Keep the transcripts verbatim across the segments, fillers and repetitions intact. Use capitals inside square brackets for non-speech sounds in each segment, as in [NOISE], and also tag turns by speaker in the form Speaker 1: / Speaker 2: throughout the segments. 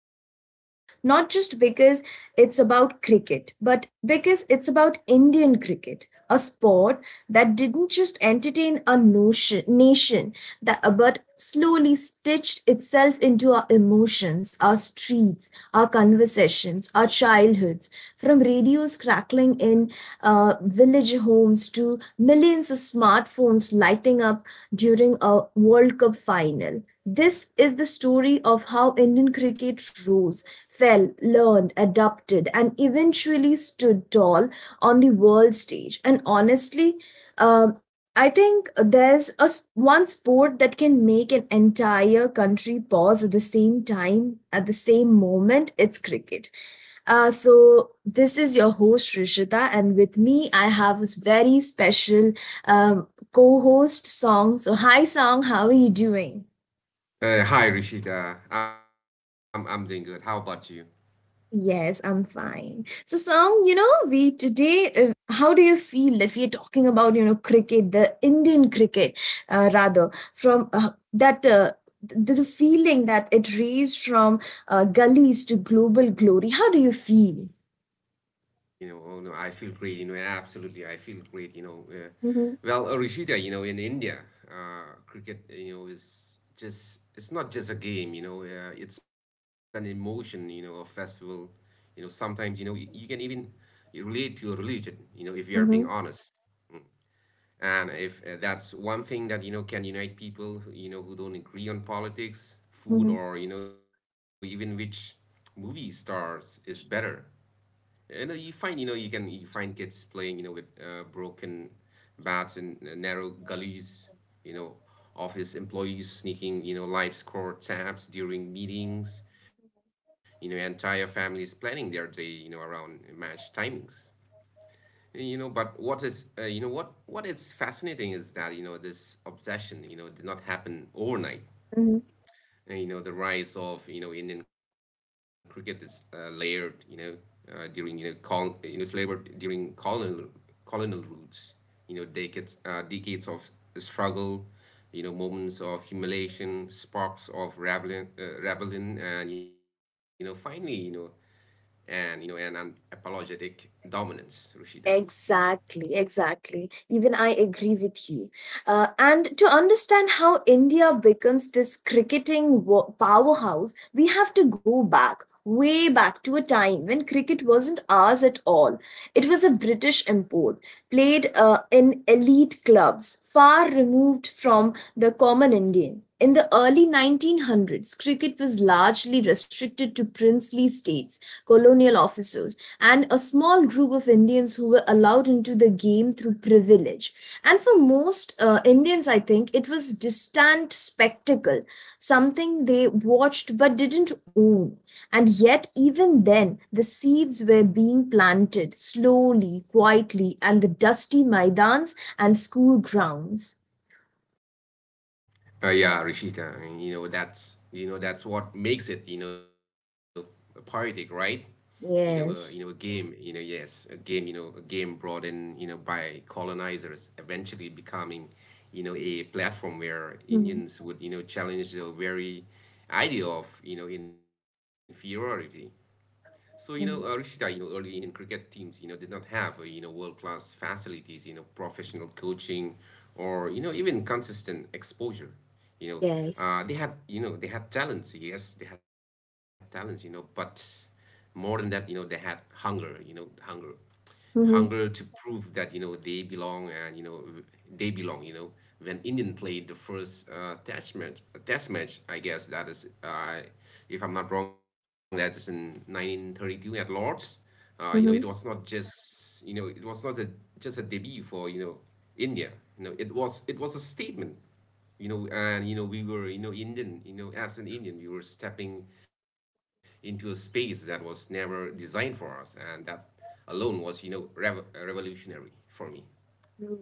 Speaker 1: is special, not just because it's about cricket, but because it's about Indian cricket, a sport that didn't just entertain a notion, nation, that, uh, but slowly stitched itself into our emotions, our streets, our conversations, our childhoods, from radios crackling in uh, village homes to millions of smartphones lighting up during a World Cup final. This is the story of how Indian cricket rose, fell, learned, adapted, and eventually stood tall on the world stage. And honestly, um, I think there's a s- one sport that can make an entire country pause at the same time, at the same moment. It's cricket. Uh, so this is your host Rishita, and with me I have a very special um, co-host Song. So hi Song, how are you doing?
Speaker 2: Uh, hi Rishita, I'm I'm doing good. How about you?
Speaker 1: Yes, I'm fine. So, Sam, you know, we today, uh, how do you feel that we are talking about, you know, cricket, the Indian cricket, uh, rather, from uh, that, uh, the, the feeling that it raised from uh, gullies to global glory? How do you feel?
Speaker 2: You know, oh no, I feel great. You know, absolutely, I feel great. You know, uh,
Speaker 1: Mm-hmm,
Speaker 2: well, uh, Rishita, you know, in India, uh, cricket, you know, is just it's not just a game. You know, uh, it's an emotion. You know, a festival. You know, sometimes you know y- you can even relate to a religion. You know, if you are being
Speaker 1: mm-hmm,
Speaker 2: honest. And if uh, that's one thing that you know can unite people, who, you know, who don't agree on politics, food,
Speaker 1: mm-hmm,
Speaker 2: or you know, even which movie stars is better. You know, you find you know you can you find kids playing you know with uh, broken bats and uh, narrow gullies. You know, office employees sneaking you know live score tabs during meetings. You know, entire families planning their day you know around match timings. Eh, You know, but what is uh, you know what what is fascinating is that you know this obsession you know did not happen overnight.
Speaker 1: mm-hmm.
Speaker 2: And, you know, the rise of you know Indian cricket is uh, layered you know uh, during you know col you know it's layered during colonial colonial roots. You know, decades uh, decades of struggle. You know, moments of humiliation, sparks of rebellion, uh, rebellion, and you know finally you know and you know an unapologetic dominance, Rashida.
Speaker 1: Exactly, exactly. Even I agree with you. Uh, and to understand how India becomes this cricketing wo- powerhouse, we have to go back, way back to a time when cricket wasn't ours at all. It was a British import played uh, in elite clubs far removed from the common Indian. In the early nineteen hundreds, cricket was largely restricted to princely states, colonial officers, and a small group of Indians who were allowed into the game through privilege. And for most uh, Indians, I think, it was distant spectacle, something they watched but didn't own. And yet, even then, the seeds were being planted slowly, quietly, and the dusty maidans and school grounds.
Speaker 2: Uh, yeah, Rishita. I mean, you know that's you know that's what makes it you know poetic, right? You know, uh, you know a
Speaker 1: Yes.
Speaker 2: game. You know, yes, a game. You know, a game brought in you know by colonizers, eventually becoming you know a platform where
Speaker 1: Mhm.
Speaker 2: Indians would you know challenge the very idea of you know inferiority. So, you know, uh, Rishita, you
Speaker 1: Mhm.
Speaker 2: know, early Indian cricket teams, you know, did not have, uh, you know, world-class facilities, you know, professional coaching or, you know, even consistent exposure. You know, uh,
Speaker 1: Yes.
Speaker 2: they had, you know, they had talents. Yes, they had talents, you know, but more than that, you know, they had hunger, you know, hunger hunger
Speaker 1: Mm-hmm.
Speaker 2: to prove that you know they belong and you know w- they belong you know when Indian played the first uh, test match test match I guess that is uh, if I'm not wrong that is in nineteen thirty-two at Lord's. Uh, you know, it was not
Speaker 1: Mm-hmm.
Speaker 2: just you know it was not a, just a debut for you know India. You know, it was it was a statement, you know, and you know we were you know indian you know as an indian we were stepping into a space that was never designed for us, and that alone was you know rev- revolutionary for me.
Speaker 1: Hmm.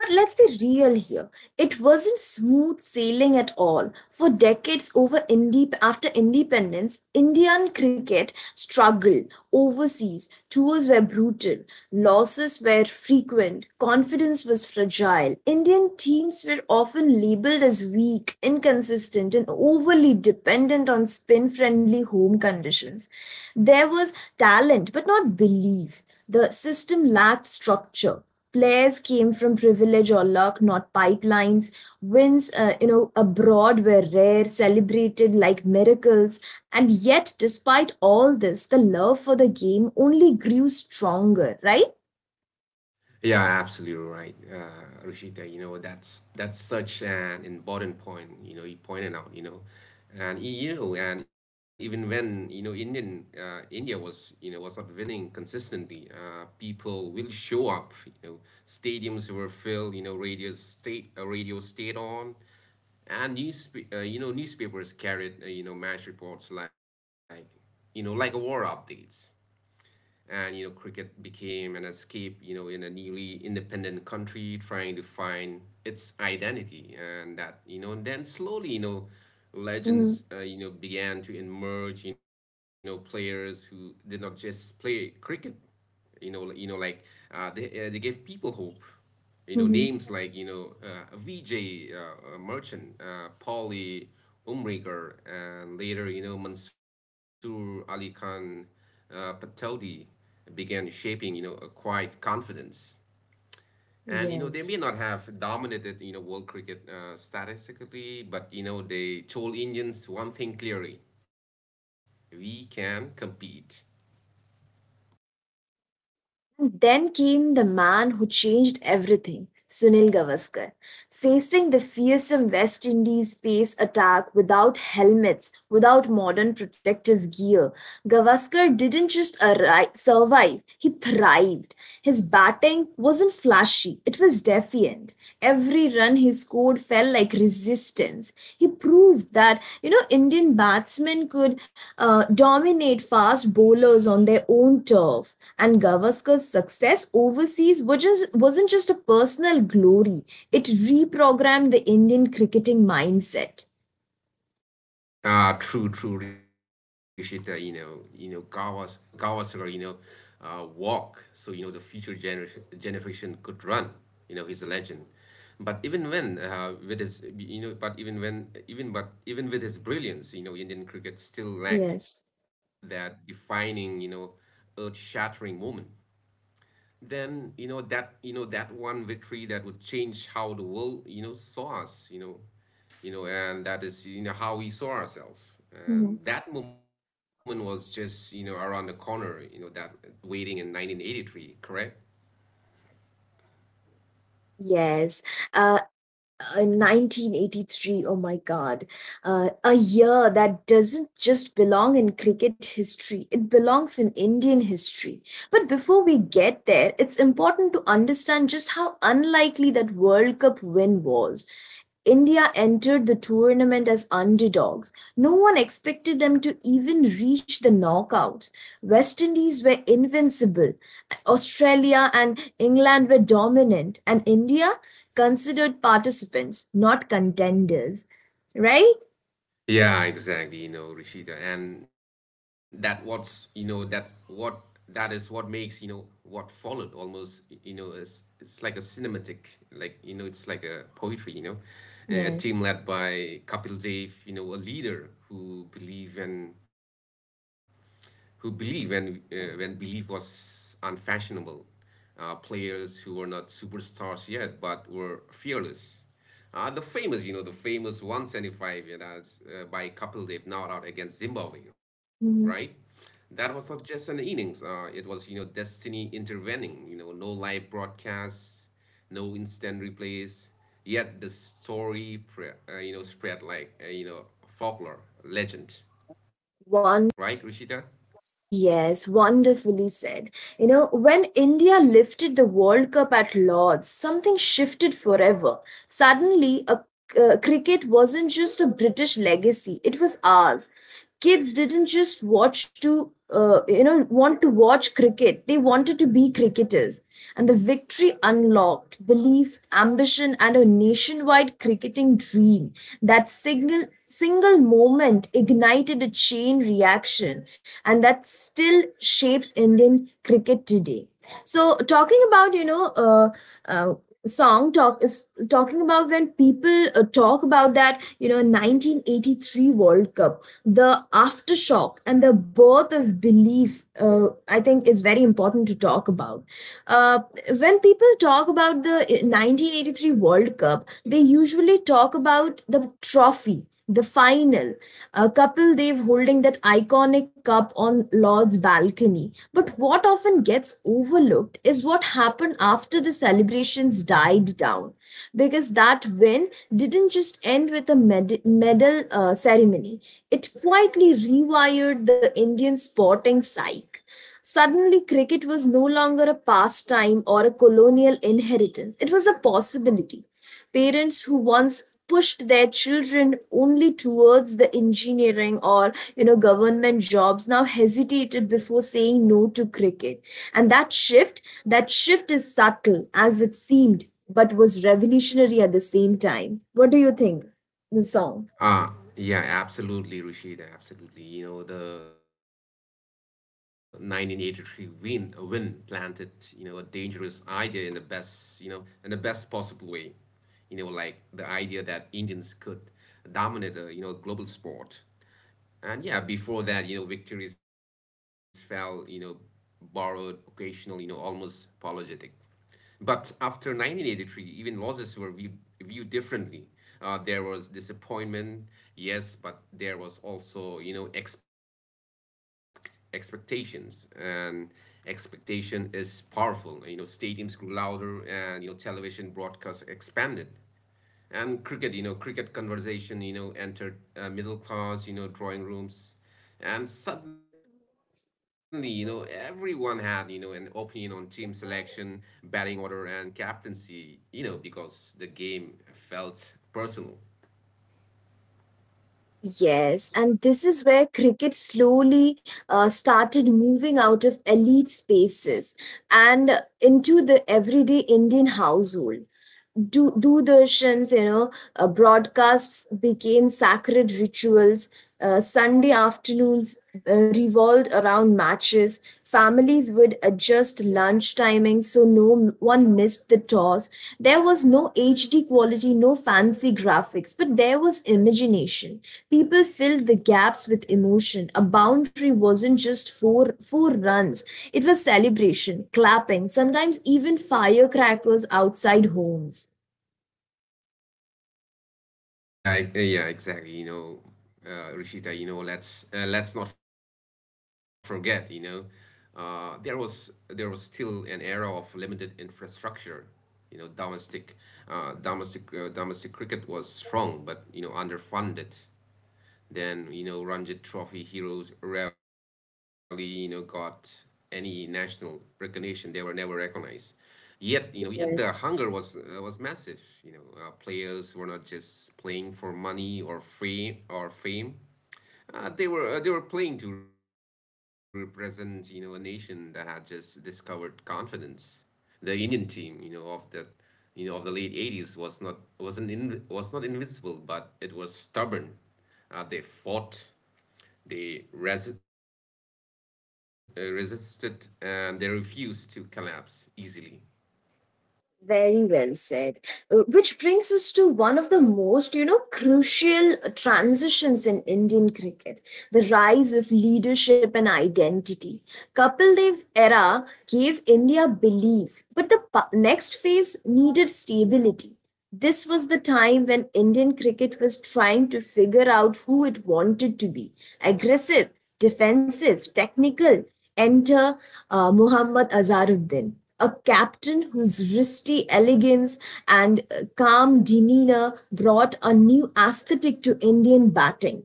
Speaker 1: But let's be real here. It wasn't smooth sailing at all. For decades over indep- after independence, Indian cricket struggled overseas. Tours were brutal, losses were frequent, confidence was fragile. Indian teams were often labeled as weak, inconsistent, and overly dependent on spin friendly home conditions. There was talent, but not belief. The system lacked structure, players came from privilege or luck, not pipelines. Wins, uh, you know, abroad were rare, celebrated like miracles. And yet, despite all this, the love for the game only grew stronger, right?
Speaker 2: Yeah, absolutely right, uh, Rishita. You know, that's that's such an important point. You know, you pointed out. You know, and you know, and even when you know Indian uh, India was you know was not winning consistently, uh, people will show up. You know, stadiums were filled. You know, radio state uh, radio stayed on, and newspa- uh, you know newspapers carried uh, you know match reports like you know like war updates, and you know cricket became an escape you know in a newly independent country trying to find its identity, and that you know and then slowly you know
Speaker 1: Mhm.
Speaker 2: legends uh, you know began to emerge. You know, players who did not just play cricket, you know you know like uh, they uh, they gave people hope. You know,
Speaker 1: Mhm.
Speaker 2: names like you know uh, Vijay uh, uh, Merchant, uh, Pauli Umrigar, and later you know Mansoor Ali Khan uh, Patodi began shaping you know a quiet confidence. And you know they may not
Speaker 1: Yes.
Speaker 2: have dominated you know world cricket uh, statistically, but you know they told Indians one thing clearly: we can compete.
Speaker 1: And then came the man who changed everything, Sunil Gavaskar. Facing the fearsome West Indies pace attack without helmets, without modern protective gear, Gavaskar didn't just arri- survive, he thrived. His batting wasn't flashy, it was defiant. Every run he scored felt like resistance. He proved that you know Indian batsmen could uh, dominate fast bowlers on their own turf. And Gavaskar's success overseas was just, wasn't just a personal glory; it reprogrammed the Indian cricketing mindset.
Speaker 2: Ah, true, true, Rishita. You know, you know, Kawas, Kawasura, you know, uh, walk. So you know, the future generation generation could run. You know, he's a legend. But even when, uh, with his, you know, but even when, even but even with his brilliance, you know, Indian cricket still lack
Speaker 1: Yes.
Speaker 2: that defining, you know, earth-shattering moment. Then you know that you know that one victory that would change how the world you know saw us, you know you know, and that is you know how we saw ourselves.
Speaker 1: Mhm.
Speaker 2: And that moment was just you know around the corner, you know, that waiting in nineteen eighty-three, correct?
Speaker 1: Yes. Uh, uh, nineteen eighty-three, oh my god, uh, a year that doesn't just belong in cricket history, it belongs in Indian history. But before we get there, it's important to understand just how unlikely that World Cup win was. India entered the tournament as underdogs. No one expected them to even reach the knockouts. West Indies were invincible. Australia and England were dominant. And India, considered participants, not contenders, right?
Speaker 2: Yeah, exactly, you know, Rishita. And that what's, you know, that what that is what makes, you know, what followed almost, y- you know, is it's like a cinematic, like, you know, it's like a poetry, you know. A team led
Speaker 1: Yes.
Speaker 2: by Kapil Dev, you know, a leader who believe in who believe when uh, when belief was unfashionable, uh, players who were not superstars yet but were fearless. Uh, the famous, you know, the famous one seventy-five and as uh, by Kapildev not out against Zimbabwe, right?
Speaker 1: Mhm.
Speaker 2: That was not just an innings. Uh, it was, you know, destiny intervening. You know, no live broadcasts, no instant replays. Yet the story, pre- uh, you know, spread like uh, you know folklore, legend, right, Rishita?
Speaker 1: One, yes, wonderfully said. You know, when India lifted the World Cup at Lords, something shifted forever. Suddenly, a uh, Cricket wasn't just a British legacy; it was ours. Kids didn't just watch to, uh, you know, want to watch cricket; they wanted to be cricketers. And the victory unlocked belief, ambition, and a nationwide cricketing dream. That single single moment ignited a chain reaction, and that still shapes Indian cricket today. So talking about, you know, uh, uh, song, talk is talking about when people uh, talk about that you know nineteen eighty-three World Cup, the aftershock and the birth of belief, uh, I think is very important to talk about. uh, when people talk about the nineteen eighty-three World Cup, they usually talk about the trophy, the final, a couple they've holding that iconic cup on Lord's balcony, but what often gets overlooked is what happened after the celebrations died down, because that win didn't just end with a med- medal uh, ceremony, it quietly rewired the Indian sporting psyche. Suddenly, cricket was no longer a pastime or a colonial inheritance. It was a possibility, parents who once pushed their children only towards the engineering or you know government jobs now hesitated before saying no to cricket. And that shift that shift is subtle as it seemed, but was revolutionary at the same time. What do you think, the song?
Speaker 2: Ah, yeah, absolutely, Rashida, absolutely. You know, the nineteen eighty-three win, win planted, you know, a dangerous idea in the best, you know, in the best possible way. You know, like the idea that Indians could dominate a, you know, a global sport. And yeah, before that, you know, victories fell, you know, borrowed, occasional, you know, almost apologetic. But after nineteen eighty-three, even losses were viewed, viewed differently. Uh, there was disappointment, yes, but there was also, you know, expect, expectations. And expectation is powerful. You know, stadiums grew louder and, you know, television broadcasts expanded, and cricket you know cricket conversation you know entered uh, middle class you know drawing rooms, and suddenly you know everyone had you know an opinion on team selection, batting order, and captaincy, you know, because the game felt personal.
Speaker 1: Yes, and this is where cricket slowly uh, started moving out of elite spaces and into the everyday Indian household. Do Doordarshan's, you know, uh, broadcasts became sacred rituals. Uh, Sunday afternoons uh, revolved around matches. Families would adjust lunch timings so no m- one missed the toss. There was no H D quality, no fancy graphics, but there was imagination. People filled the gaps with emotion. A boundary wasn't just four four runs. It was celebration, clapping, sometimes even firecrackers outside homes.
Speaker 2: Yeah, I- uh, yeah, exactly. You know, uh, Rishita, you know, let's uh, let's not forget, you know, uh, there was there was still an era of limited infrastructure. You know, domestic uh, domestic uh, domestic cricket was strong, but you know, underfunded. Then, you know, Ranji Trophy heroes rarely, you know, got any national recognition. They were never recognized. Yet, you know, yet the hunger was
Speaker 1: Yes.
Speaker 2: uh, was massive. You know, uh, players were not just playing for money or free or fame. Uh, they were uh, they were playing to represent, you know, a nation that had just discovered confidence. The Indian team, you know, of the you know of the late eighties was not wasn't in, was not invincible, but it was stubborn. Uh, they fought, they res- uh, resisted, and they refused to collapse easily.
Speaker 1: Very well said. Uh, Which brings us to one of the most, you know, crucial transitions in Indian cricket, the rise of leadership and identity. Kapil Dev's era gave India belief, but the pa- next phase needed stability. This was the time when Indian cricket was trying to figure out who it wanted to be: aggressive, defensive, technical. Enter uh, Muhammad Azharuddin, a captain whose wristy elegance and uh, calm demeanor brought a new aesthetic to Indian batting.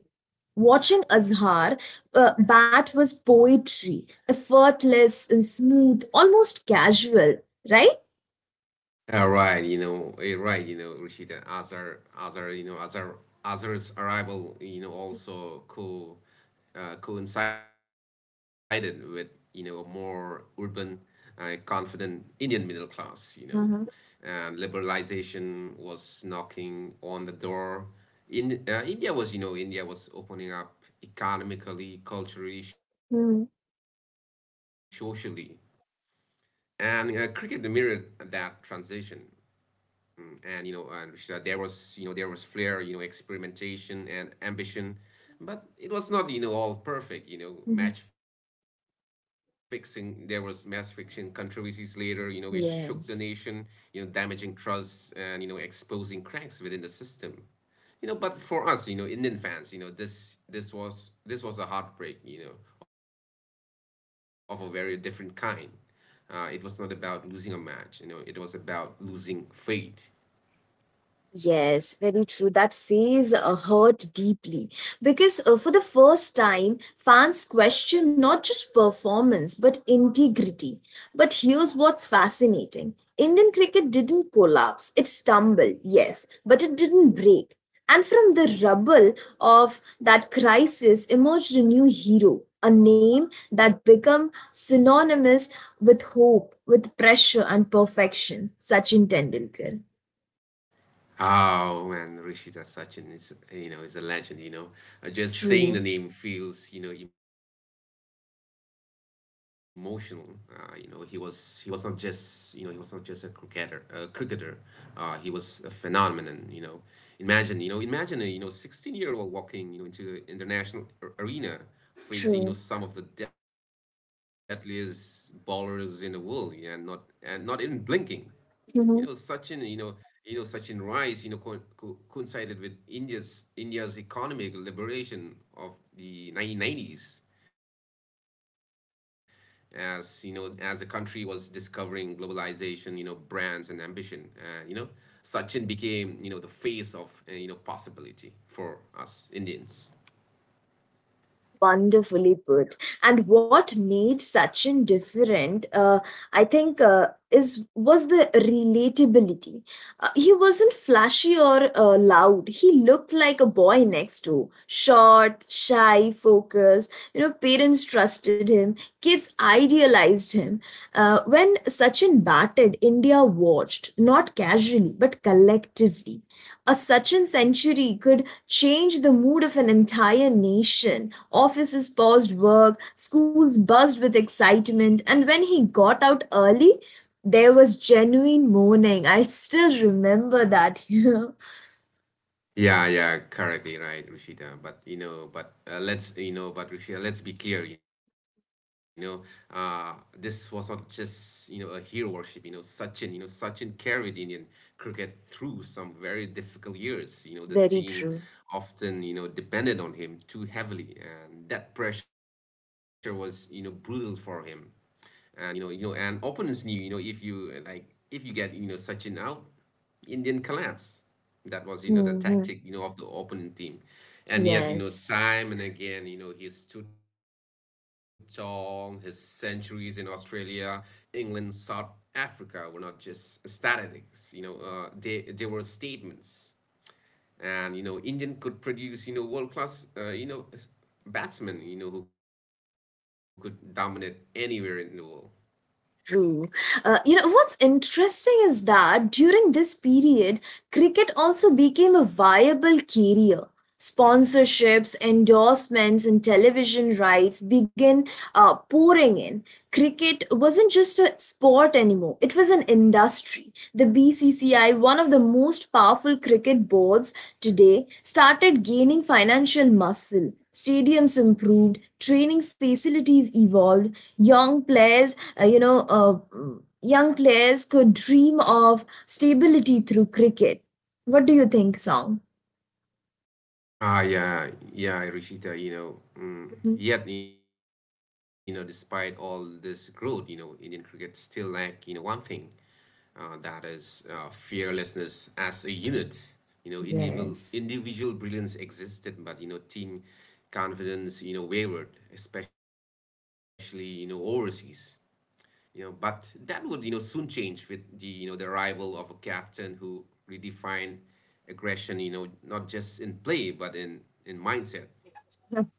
Speaker 1: Watching Azhar uh, bat was poetry, effortless and smooth, almost casual, right?
Speaker 2: Uh, right, you know, eh, right, you know, Rashida, Azar, Azar, you know, Azar, Azar's arrival, you know, also co, uh, coincided with, you know, a more urban, uh, confident Indian middle class, you know,
Speaker 1: Mhm.
Speaker 2: and liberalization was knocking on the door. In uh, India was, you know, India was opening up economically, culturally, socially,
Speaker 1: Mm-hmm.
Speaker 2: and uh, cricket mirrored that transition. And you know and Rashida, there was you know there was flair, you know, experimentation and ambition, but it was not you know all perfect. You know, match
Speaker 1: Mhm. Mhm.
Speaker 2: fixing there was match fixing controversies later, you know, which shook the nation, you know,
Speaker 1: Yes.
Speaker 2: damaging trust, and you know exposing cracks within the system. You know, but for us, you know, indian fans, you know, this this was this was a heartbreak, you know, of a very different kind. Uh, it was not about losing a match. You know, it was about losing faith.
Speaker 1: Yes, very true. That phase uh, hurt deeply because uh, for the first time, fans question not just performance but integrity. But here's what's fascinating, Indian cricket didn't collapse, it stumbled, yes, but it didn't break. And from the rubble of that crisis emerged a new hero, a name that became synonymous with hope, with pressure, and perfection, Sachin Tendulkar.
Speaker 2: Oh man, Rishita, Sachin is you know is a legend. You know, uh, just saying the
Speaker 1: True.
Speaker 2: name feels you know emotional. Uh, you know, he was he was not just you know he was not just a cricketer. A cricketer, uh, he was a phenomenon. You know, imagine you know imagine a you know sixteen year old walking you know into the international ar- arena, facing you know some of the
Speaker 1: True.
Speaker 2: deadliest bowlers in the world, and not and not even blinking. You know, Sachin, you
Speaker 1: Mhm.
Speaker 2: know, you know, Sachin rise, you know, co co coincided with India's India's economic liberation of the nineteen nineties, as you know, as the country was discovering globalization, you know, brands and ambition, and you know, Sachin became, you know, the face of, uh, you know, possibility for us Indians.
Speaker 1: Wonderfully put. And what made Sachin different, uh, I think, uh, is was the relatability. Uh, he wasn't flashy or uh, loud. He looked like a boy next door. Short, shy, focused. You know, parents trusted him. Kids idealized him. Uh, when Sachin batted, India watched, not casually, but collectively. A Sachin century could change the mood of an entire nation. Offices paused work, schools buzzed with excitement, and when he got out early, there was genuine mourning. I still remember that, [LAUGHS] you know.
Speaker 2: Yeah, yeah, correctly right, Rishita. But you know, but uh, let's you know, but Rishita, let's be clear. You know, uh, this was not just you know a hero worship. You know, Sachin, you know, Sachin carried Indian cricket through some very difficult years. You know, the team
Speaker 1: Very true.
Speaker 2: often you know depended on him too heavily, and that pressure was you know brutal for him, and you know you know and opponents knew, you know if you like, if you get, you know Sachin out, Indian collapse. That was, you know, the
Speaker 1: Hmm.
Speaker 2: tactic, you know, of the opponent team. And yet, you know,
Speaker 1: Yes.
Speaker 2: time and again, you know, he stood tall. His centuries in Australia, England, South Africa were not just statistics. You know, uh, they they were statements. And you know, Indian could produce, you know, world class, uh, you know, s- batsmen, you know, who could dominate anywhere in the world.
Speaker 1: True. Uh, you know, what's interesting is that during this period, cricket also became a viable career. Sponsorships, endorsements, and television rights began uh, pouring in. Cricket wasn't just a sport anymore, it was an industry. The B C C I, one of the most powerful cricket boards today, started gaining financial muscle. Stadiums improved, training facilities evolved, young players uh, you know, uh, young players could dream of stability through cricket. What do you think, Song?
Speaker 2: Ah, yeah, yeah, Rishita, you know, mm,
Speaker 1: Mhm.
Speaker 2: yet, you know, despite all this growth, you know, Indian cricket still lack, you know, one thing, uh, that is uh, fearlessness as a unit. You know, individual
Speaker 1: Yes.
Speaker 2: individual brilliance existed, but you know, team confidence, you know, wavered, especially you know overseas. You know, but that would, you know, soon change with the, you know, the arrival of a captain who redefined aggression, you know, not just in play but in in mindset.
Speaker 1: [LAUGHS]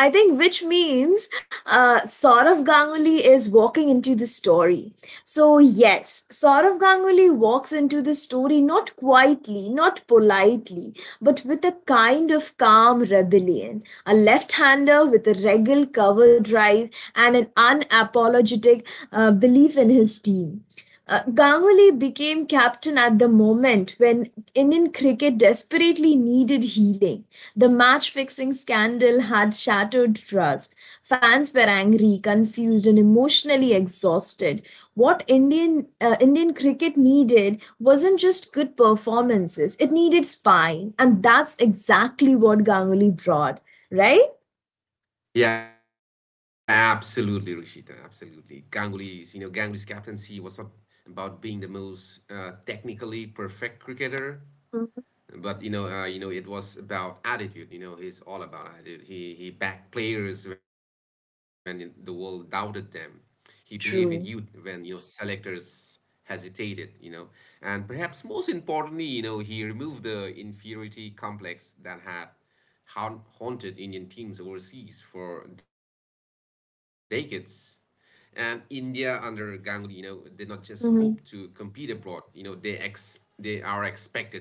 Speaker 1: I think, which means uh, Saurav Ganguly is walking into the story. So, yes, Saurav Ganguly walks into the story, not quietly, not politely, but with a kind of calm rebellion. A left hander with a regal cover drive and an unapologetic uh, belief in his team. Uh, Ganguly became captain at the moment when Indian cricket desperately needed healing. The match fixing scandal had shattered trust. Fans were angry, confused, and emotionally exhausted. What Indian uh, Indian cricket needed wasn't just good performances; it needed spine, and that's exactly what Ganguly brought. Right?
Speaker 2: Yeah, absolutely, Rishita, absolutely. Ganguly's, you know, Ganguly's captaincy was not about being the most uh, technically perfect cricketer,
Speaker 1: Mhm.
Speaker 2: but you know, uh, you know, it was about attitude. You know, he's all about attitude. He he backed players when it- the world doubted them. He believed in youth when you
Speaker 1: True.
Speaker 2: know selectors hesitated. You know, and perhaps most importantly, you know, he removed the inferiority complex that had haun- haunted Indian teams overseas for decades. And India under Ganguly, you know, did not just hope to
Speaker 1: Mhm.
Speaker 2: compete abroad. You know, they ex they are expected to.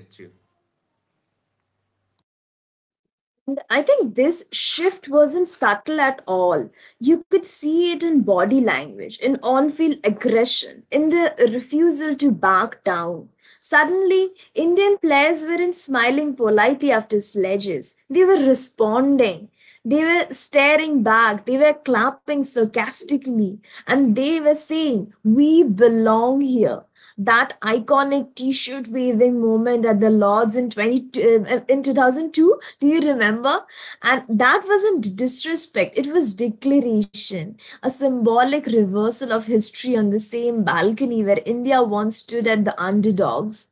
Speaker 1: And I think this shift wasn't subtle at all. You could see it in body language, in on field aggression, in the refusal to back down. Suddenly, Indian players weren't smiling politely after sledges, they were responding. They were staring back, they were clapping sarcastically, and they were saying, "We belong here." That iconic t-shirt waving moment at the Lords in twenty uh, in two thousand two, do you remember? And that wasn't disrespect, it was declaration, a symbolic reversal of history on the same balcony where India once stood at the underdogs.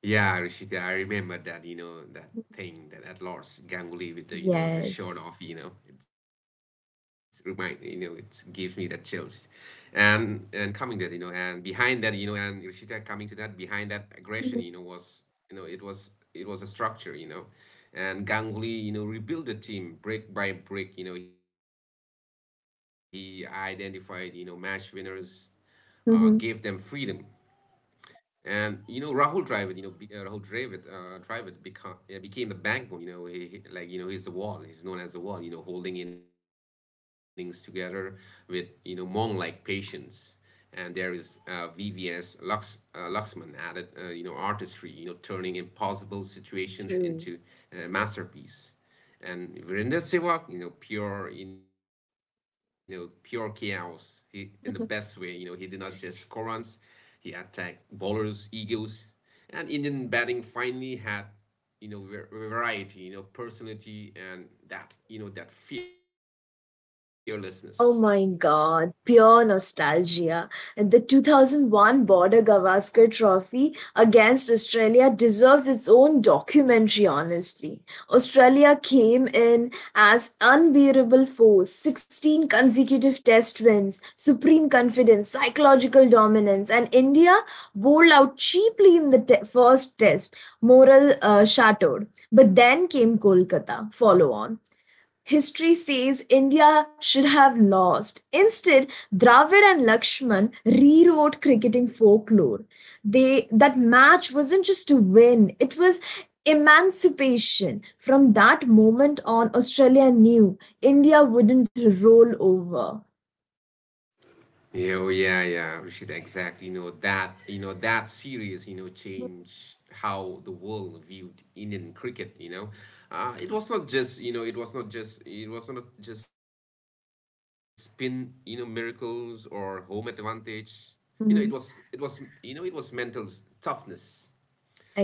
Speaker 2: Yeah, Rishita, I remember that, you know, that thing that at Lord's Ganguly with the, you know, his shirt
Speaker 1: Yes.
Speaker 2: off, you know, it's remind, you know, it gives me the chills. And and coming that, you know, and behind that, you know, and Rishita coming to that, behind that aggression, you know,
Speaker 1: Mhm.
Speaker 2: was, you know, it was it was a structure, you know. And Ganguly, you know, rebuilt the team brick by brick. You know, he identified, you know, match winners, uh, gave them freedom,
Speaker 1: Mhm.
Speaker 2: and you know, Rahul Dravid, you know, be, uh, Rahul Dravid, uh, Dravid become, uh, became the backbone. You know, he, he- like you know, he's the wall. He's known as the wall. You know, holding innings together with you know Mong-like patience. And there is uh, V V S Lux, uh, Luxman added, uh, you know, artistry. You know, turning impossible situations into
Speaker 1: True.
Speaker 2: uh, masterpiece. And Virendra Sehwag, you know, pure, you know, pure chaos. He in the best way, you know, he did not just score runs, he attacked bowlers, egos, and Indian batting finally had, you know, variety, you know, personality and that, you know, that fearlessness.
Speaker 1: Oh my god, pure nostalgia. And the two thousand one Border Gavaskar Trophy against Australia deserves its own documentary, honestly. Australia came in as unbearable force, sixteen consecutive test wins, supreme confidence, psychological dominance, and India bowled out cheaply in the te- first test, moral uh, shattered. But then came Kolkata, follow on. History says India should have lost. Instead, Dravid and Lakshman rewrote cricketing folklore. They That match wasn't just a win, it was emancipation. From that moment on, Australia knew India wouldn't roll over.
Speaker 2: Yeah, yeah, yeah, Rashid, exactly. You know that, you know that series, you know, changed how the world viewed Indian cricket. You know, uh, it was not just, you know, it was not just, it was not just spin, you know, miracles or home advantage. You know, it was, it
Speaker 1: Mhm.
Speaker 2: was, you know, it was mental toughness.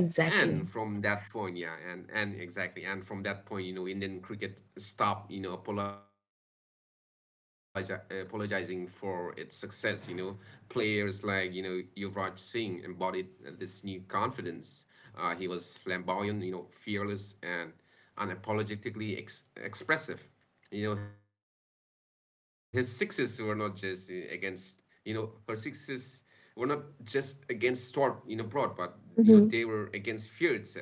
Speaker 2: And from that point, yeah, and and exactly, and from that point, you know, Indian cricket stopped, you know, apologi apologizing for its success. You know, players like you know Yuvraj Singh embodied uh, this new confidence. Uh, he was flamboyant, you know, fearless and unapologetically ex expressive. You know his sixes were not just uh, against you know her sixes were not just against Stor you know Broad, but you know they
Speaker 1: Mhm.
Speaker 2: were against fear itself.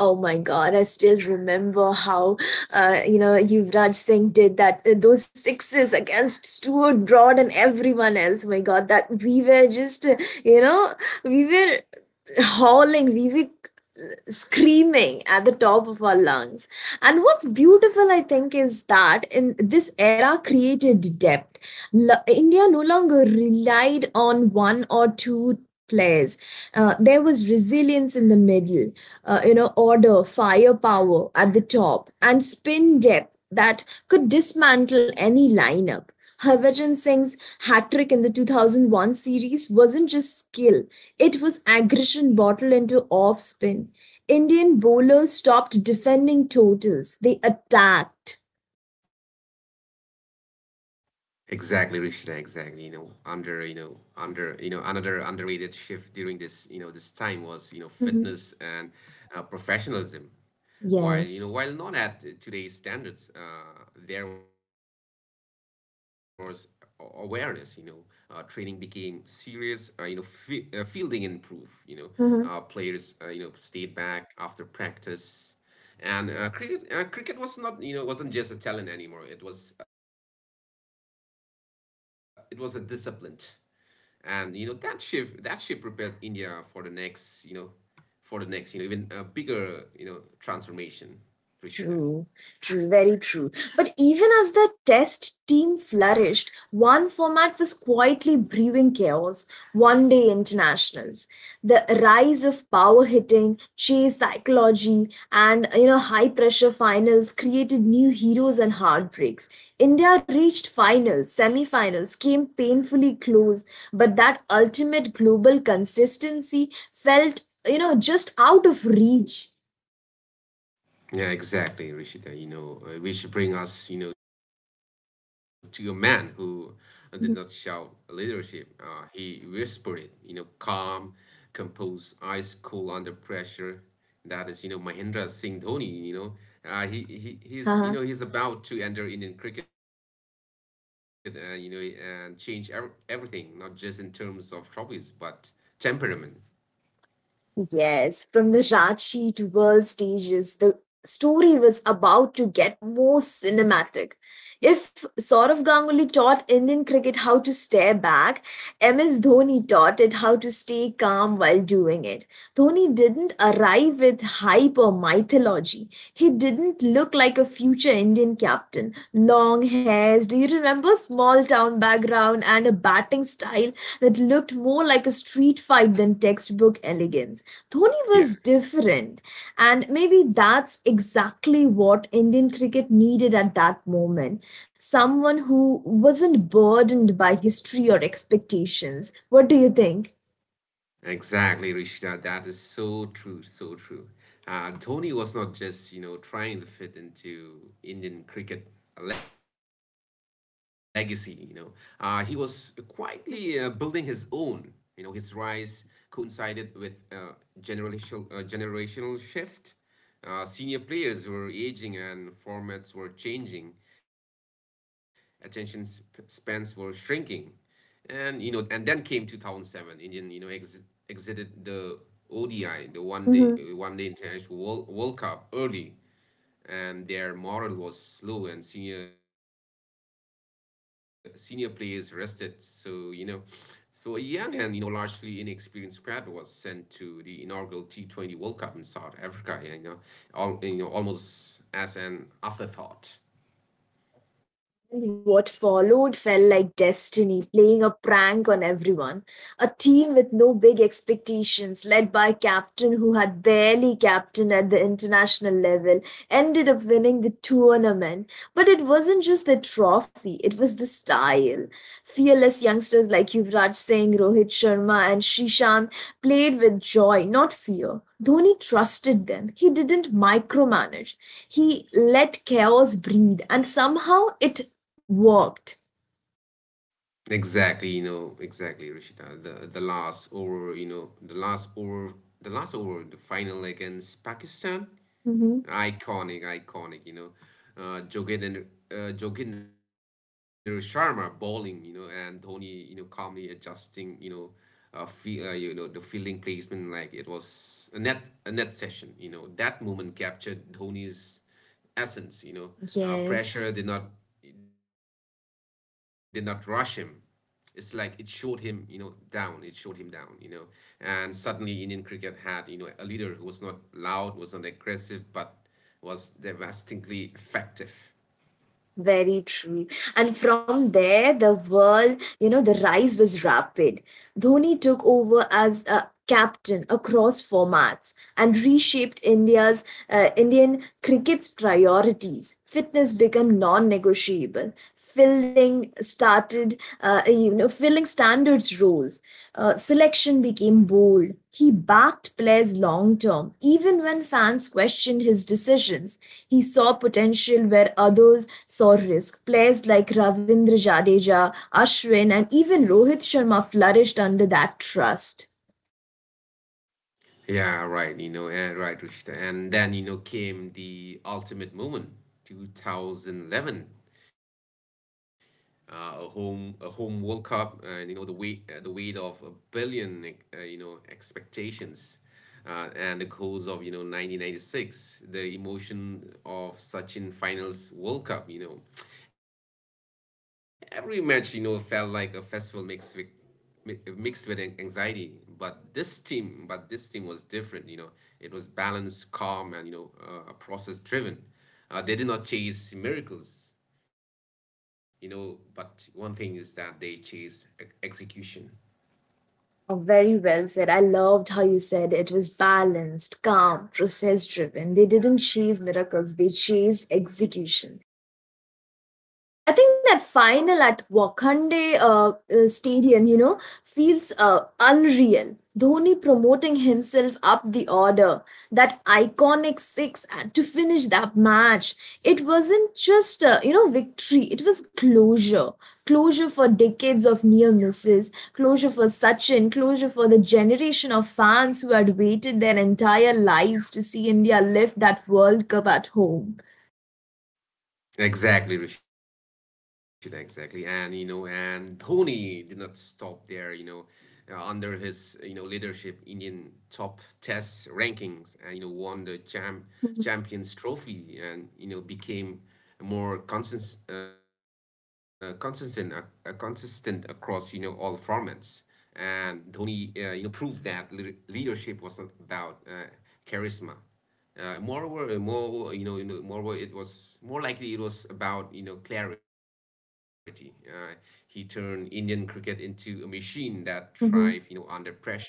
Speaker 1: Oh my God, I still remember how, uh, you know, Yuvraj Singh did that, uh, those sixes against Stuart Broad and everyone else. My God, that we were just, uh, you know, we were howling, we were screaming at the top of our lungs. And what's beautiful, I think, is that in this era created depth. L- India no longer relied on one or two players. Uh, there was resilience in the middle, uh, you know, order, firepower at the top, and spin depth that could dismantle any lineup. Harbhajan Singh's hat trick in the two thousand one series wasn't just skill, it was aggression bottled into off spin. Indian bowlers stopped defending totals, they attacked.
Speaker 2: Exactly, Rishita, exactly. You know, under, you know, under, you know, another underrated shift during this, you know, this time
Speaker 1: Mhm.
Speaker 2: was, you know, fitness and uh, professionalism.
Speaker 1: Yes.
Speaker 2: While, you know, while not at today's standards, uh, there was a- awareness. You know, uh, training became serious, uh, you know, fi uh, fielding improved, you know, uh, players, uh, you know, stayed back after practice, and uh, cricket uh, cricket was not you know wasn't just a talent anymore, it was uh, it was a discipline. And you know that shift, that shift prepared India for the next, you know for the next you know even a bigger, you know transformation, Rishida.
Speaker 1: True, true, very true. But even as the test team flourished, one format was quietly brewing chaos one day internationals. The rise of power hitting, chase psychology, and you know, high pressure finals created new heroes and heartbreaks. India reached finals, semi finals, came painfully close, but that ultimate global consistency felt, you know, just out of reach.
Speaker 2: Yeah, exactly, Rishita. You know, uh, we should bring us, you know, to a man who uh, did not shout leadership. Uh, he whispered it, you know, calm, composed, ice cool under pressure. That is, you know, Mahendra Singh Dhoni. You know, uh, he he he's you know
Speaker 1: Mhm.
Speaker 2: he's about to enter Indian cricket and you know and change ev everything, not just in terms of trophies but temperament.
Speaker 1: Yes, from the Ranchi to world stages, the story was about to get more cinematic. If Saurav Ganguly taught Indian cricket how to stare back, M S Dhoni taught it how to stay calm while doing it. Dhoni didn't arrive with hype or mythology. He didn't look like a future Indian captain. Long hairs, do you remember? Small town background and a batting style that looked more like a street fight than textbook elegance. Dhoni
Speaker 2: Yeah.
Speaker 1: was different, and maybe that's exactly what Indian cricket needed at that moment. Someone who wasn't burdened by history or expectations. What do you think?
Speaker 2: Exactly, Rishita. That is so true, so true. Uh, Dhoni was not just, you know, trying to fit into Indian cricket legacy, you know. Uh, he was quietly uh, building his own. You know, his rise coincided with uh, generational uh, generational shift. Uh, senior players were aging and formats were changing. Attention sp- spans were shrinking, and you know and then came two thousand seven. Indian, you know ex- exited the odi, the one day uh, one day international world, world cup early, and their morale was slow, and senior senior players rested. So you know so a young and you know largely inexperienced crowd was sent to the inaugural T twenty World Cup in South Africa, and you know, all you know almost as an afterthought.
Speaker 1: And what followed felt like destiny playing a prank on everyone. A team with no big expectations, led by a captain who had barely captained at the international level, ended up winning the tournament. But it wasn't just the trophy, it was the style. Fearless youngsters like Yuvraj Singh, Rohit Sharma, and Shishan played with joy, not fear. Dhoni trusted them. He didn't micromanage. He let chaos breathe, and somehow it walked.
Speaker 2: Exactly, you know, exactly, Rishita. The the last over, you know, the last over, The last over, the final against Pakistan,
Speaker 1: Hmm.
Speaker 2: iconic, iconic, you know. Uh, Joginder, uh, Joginder Sharma bowling, you know, and Dhoni, you know, calmly adjusting, you know, uh, fe uh, you know, the fielding placement like it was a net a net session, you know. That moment captured Dhoni's essence, you know. Uh, pressure
Speaker 1: Yes,
Speaker 2: did not did not rush him. It's like it showed him, you know, down. It showed him down, you know. And suddenly, Indian cricket had, you know, a leader who was not loud, was not aggressive, but was devastatingly effective.
Speaker 1: very true. And from there, the world, you know, the rise was rapid. Dhoni took over as a captain across formats and reshaped India's uh, Indian cricket's priorities. Fitness became non-negotiable. Fielding started, uh, you know, filling standards roles. Uh, selection became bold. He backed players long term, even when fans questioned his decisions. He saw potential where others saw risk. Players like Ravindra Jadeja, Ashwin, and even Rohit Sharma flourished under that trust.
Speaker 2: Yeah, right, you know, eh, right, Rishita. And then, you know, came the ultimate moment, two thousand eleven. Uh, a home a home World Cup, and you know the weight, uh, the weight of a billion uh, you know expectations, uh, and the goals of you know nineteen ninety-six, the emotion of Sachin finals World Cup. You know, every match you know felt like a festival mixed with mi- mixed with an- anxiety. But this team but this team was different, you know it was balanced, calm, and you know uh, process driven. Uh, they did not chase miracles, you know but one thing is that they chase e- execution.
Speaker 1: Oh, very well said. I loved how you said it was balanced, calm, process driven. They didn't chase miracles, they chased execution. I think that final at Wakhande uh, uh, Stadium, you know, feels uh, unreal. Dhoni promoting himself up the order, that iconic six and to finish that match. It wasn't just, uh, you know, victory, it was closure. Closure for decades of near misses, closure for Sachin, closure for the generation of fans who had waited their entire lives to see India lift that World Cup at home.
Speaker 2: Exactly, Rashida, exactly. And you know, and Dhoni did not stop there, you know, uh, under his, you know, leadership, Indian top test rankings, and you know, won the champ
Speaker 1: Mhm,
Speaker 2: Champions Trophy and you know, became more consistent uh, consistent uh, uh, consistent across, you know, all formats. And Dhoni, uh, you know, proved that leader leadership was not about uh, charisma. Uh, moreover, uh, more you know, you know, Moreover, it was more likely it was about you know clarity. Uh, he turned Indian cricket into a machine that thrived you
Speaker 1: mhm.
Speaker 2: know under pressure.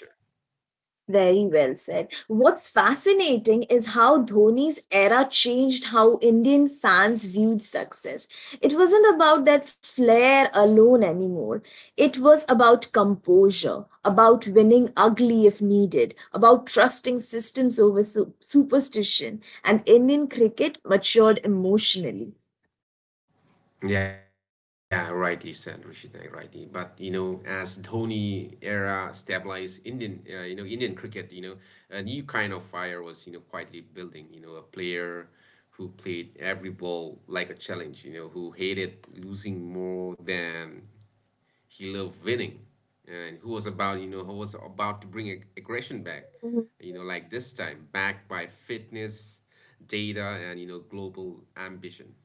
Speaker 1: Very well said. What's fascinating is how Dhoni's era changed how Indian fans viewed success. It wasn't about that flair alone anymore. It was about composure, about winning ugly if needed, about trusting systems over su- superstition, and Indian cricket matured emotionally.
Speaker 2: Yeah, rightly said, Rishita, rightly. But you know, as Dhoni era stabilized Indian, uh, you know, Indian cricket, you know, a new kind of fire was you know quietly building. You know, a player who played every ball like a challenge. You know, who hated losing more than he loved winning, and who was about, you know, who was about to bring ag- aggression back, you know, like this time, backed by fitness, data, and, you know, global ambition.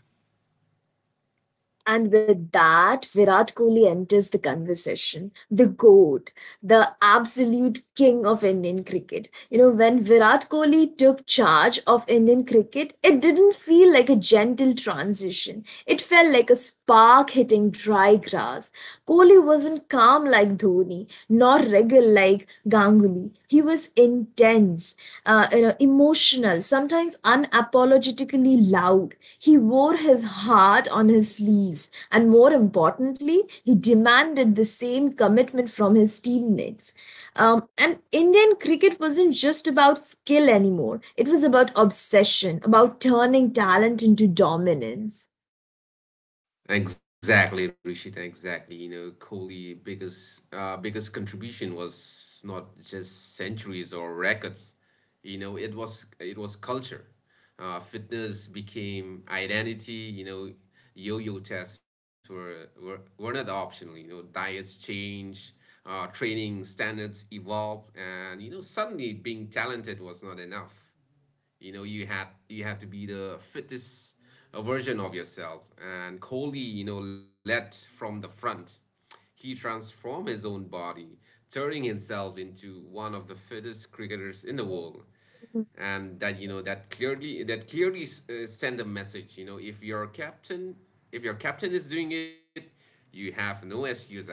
Speaker 1: And with that, Virat Kohli enters the conversation. The GOAT, the absolute king of Indian cricket. You know, when Virat Kohli took charge of Indian cricket, it didn't feel like a gentle transition. It felt like a spark hitting dry grass. Kohli wasn't calm like Dhoni, nor regal like Ganguly. He was intense, uh, you know, emotional, sometimes unapologetically loud. He wore his heart on his sleeves, and more importantly, he demanded the same commitment from his teammates. Um, and Indian cricket wasn't just about skill anymore, it was about obsession, about turning talent into dominance.
Speaker 2: Exactly, Rishita, exactly. You know, Kohli's biggest uh, biggest contribution was not just centuries or records. You know, it was it was culture. Uh, fitness became identity. You know, yo-yo tests were, were were not optional. You know, diets changed, uh, training standards evolved, and you know, suddenly being talented was not enough. You know, you had you have to be the fittest uh, version of yourself. And Kohli, you know, led from the front. He transformed his own body, turning himself into one of the fittest cricketers in the world. And that you know that clearly that clearly uh, send a message. You know, if your captain if your captain is doing it, you have no excuse at all.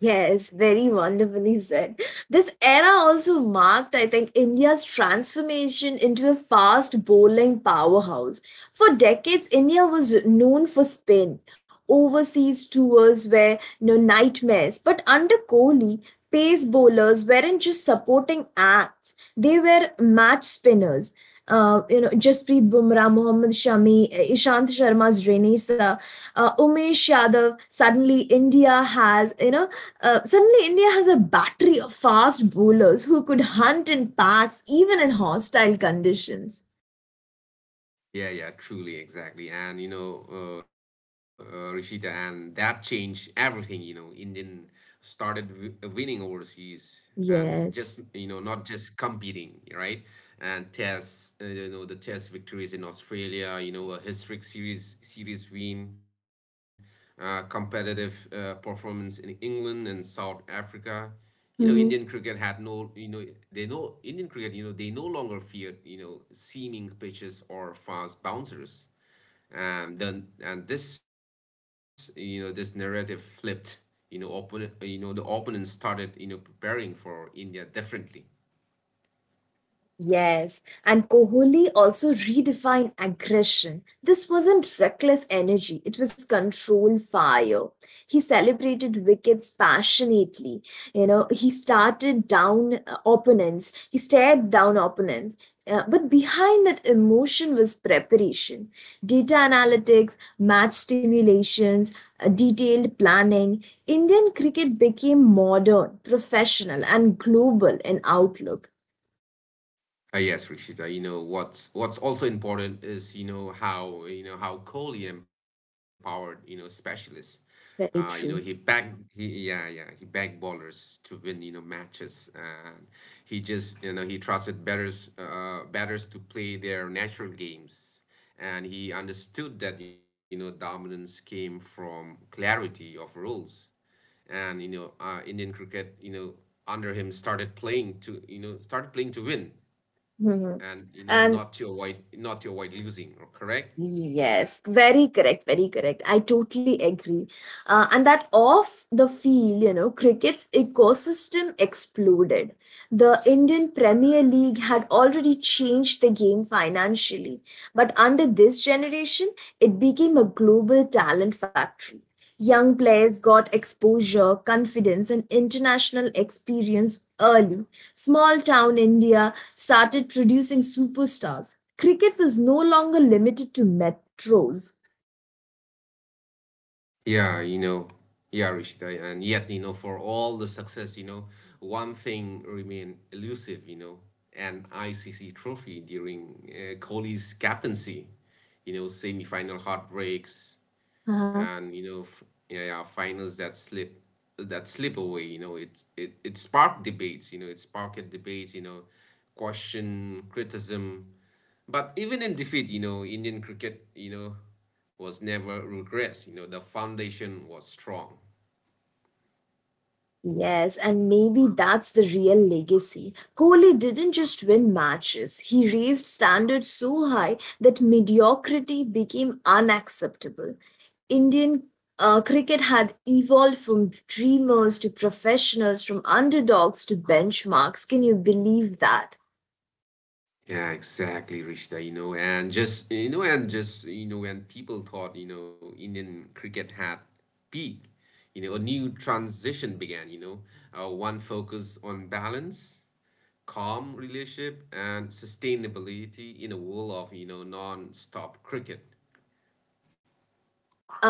Speaker 1: Yes, very wonderfully said. This era also marked, I think, India's transformation into a fast bowling powerhouse. For decades, India was known for spin. Overseas tours were you know, nightmares. But under Kohli, pace bowlers weren't just supporting acts, they were match spinners uh, you know, Jasprit Bumrah, Mohammad Shami, Ishant Sharma's Renisa, uh, Umesh Yadav. Suddenly, India has you know, uh, suddenly India has a battery of fast bowlers who could hunt in packs even in hostile conditions.
Speaker 2: Yeah, yeah, truly, exactly. And you know, uh, uh, Rishita, and that changed everything. You know, Indian started w uh, winning overseas and just, you know,
Speaker 1: Yes.
Speaker 2: not just competing, right? And tests, uh, you know, the test victories in Australia, you know, a historic series series win, uh, competitive uh, performance in England and South Africa. you know Indian cricket had no you know they know Indian cricket, you know, they no longer feared, you know, seaming pitches or fast bouncers. And then and this, you know, this narrative flipped. You know, opponent you know the opponents started, you know, preparing for India differently.
Speaker 1: Yes, and Kohli also redefined aggression. This wasn't reckless energy, it was controlled fire. He celebrated wickets passionately. You know, he started down uh, opponents, he stared down opponents. Uh, but behind that emotion was preparation, data analytics, match stimulations, uh, detailed planning. Indian cricket became modern, professional, and global in outlook.
Speaker 2: Uh, yes, Rishita, you know, what's what's also important is, you know, how, you know how Kohli empowered, you know, specialists. Uh, you know
Speaker 1: Very
Speaker 2: he
Speaker 1: true.
Speaker 2: back he yeah yeah He backed bowlers to win, you know, matches, and he just, you know, he trusted batters, uh, batters to play their natural games. And he understood that, you know, dominance came from clarity of rules. And you know, uh, Indian cricket, you know, under him started playing to, you know started playing to win,
Speaker 1: Mhm.
Speaker 2: and
Speaker 1: And
Speaker 2: you know, not to avoid, not to avoid losing. Correct.
Speaker 1: yes, very correct, very correct. I totally agree. Uh, and that off the field, you know, cricket's ecosystem exploded. The Indian Premier League had already changed the game financially, but under this generation, it became a global talent factory. Young players got exposure, confidence, and international experience early. Small town India started producing superstars. Cricket was no longer limited to metros.
Speaker 2: Yeah you know yeah Rishta, and yet, you know, for all the success, you know, one thing remained elusive, you know, an I C C trophy during uh, Kohli's captaincy. You know, semi-final heartbreaks
Speaker 1: Huh?
Speaker 2: and, you know, f- yeah, yeah finals that slip, that slip away. You know, it it it sparked debates. You know, it sparked debates you know question, criticism. But even in defeat, you know, Indian cricket, you know, was never regressed. You know, the foundation was strong.
Speaker 1: Yes, and maybe that's the real legacy. Kohli didn't just win matches, he raised standards so high that mediocrity became unacceptable. Indian uh, cricket had evolved from dreamers to professionals, from underdogs to benchmarks. Can you believe that?
Speaker 2: Yeah, exactly, Rishta, you know, and just, you know, and just you know, when people thought, you know, Indian cricket had peak, you know, a new transition began. You know, uh, one focus on balance, calm relationship, and sustainability in a world of, you know, non-stop cricket.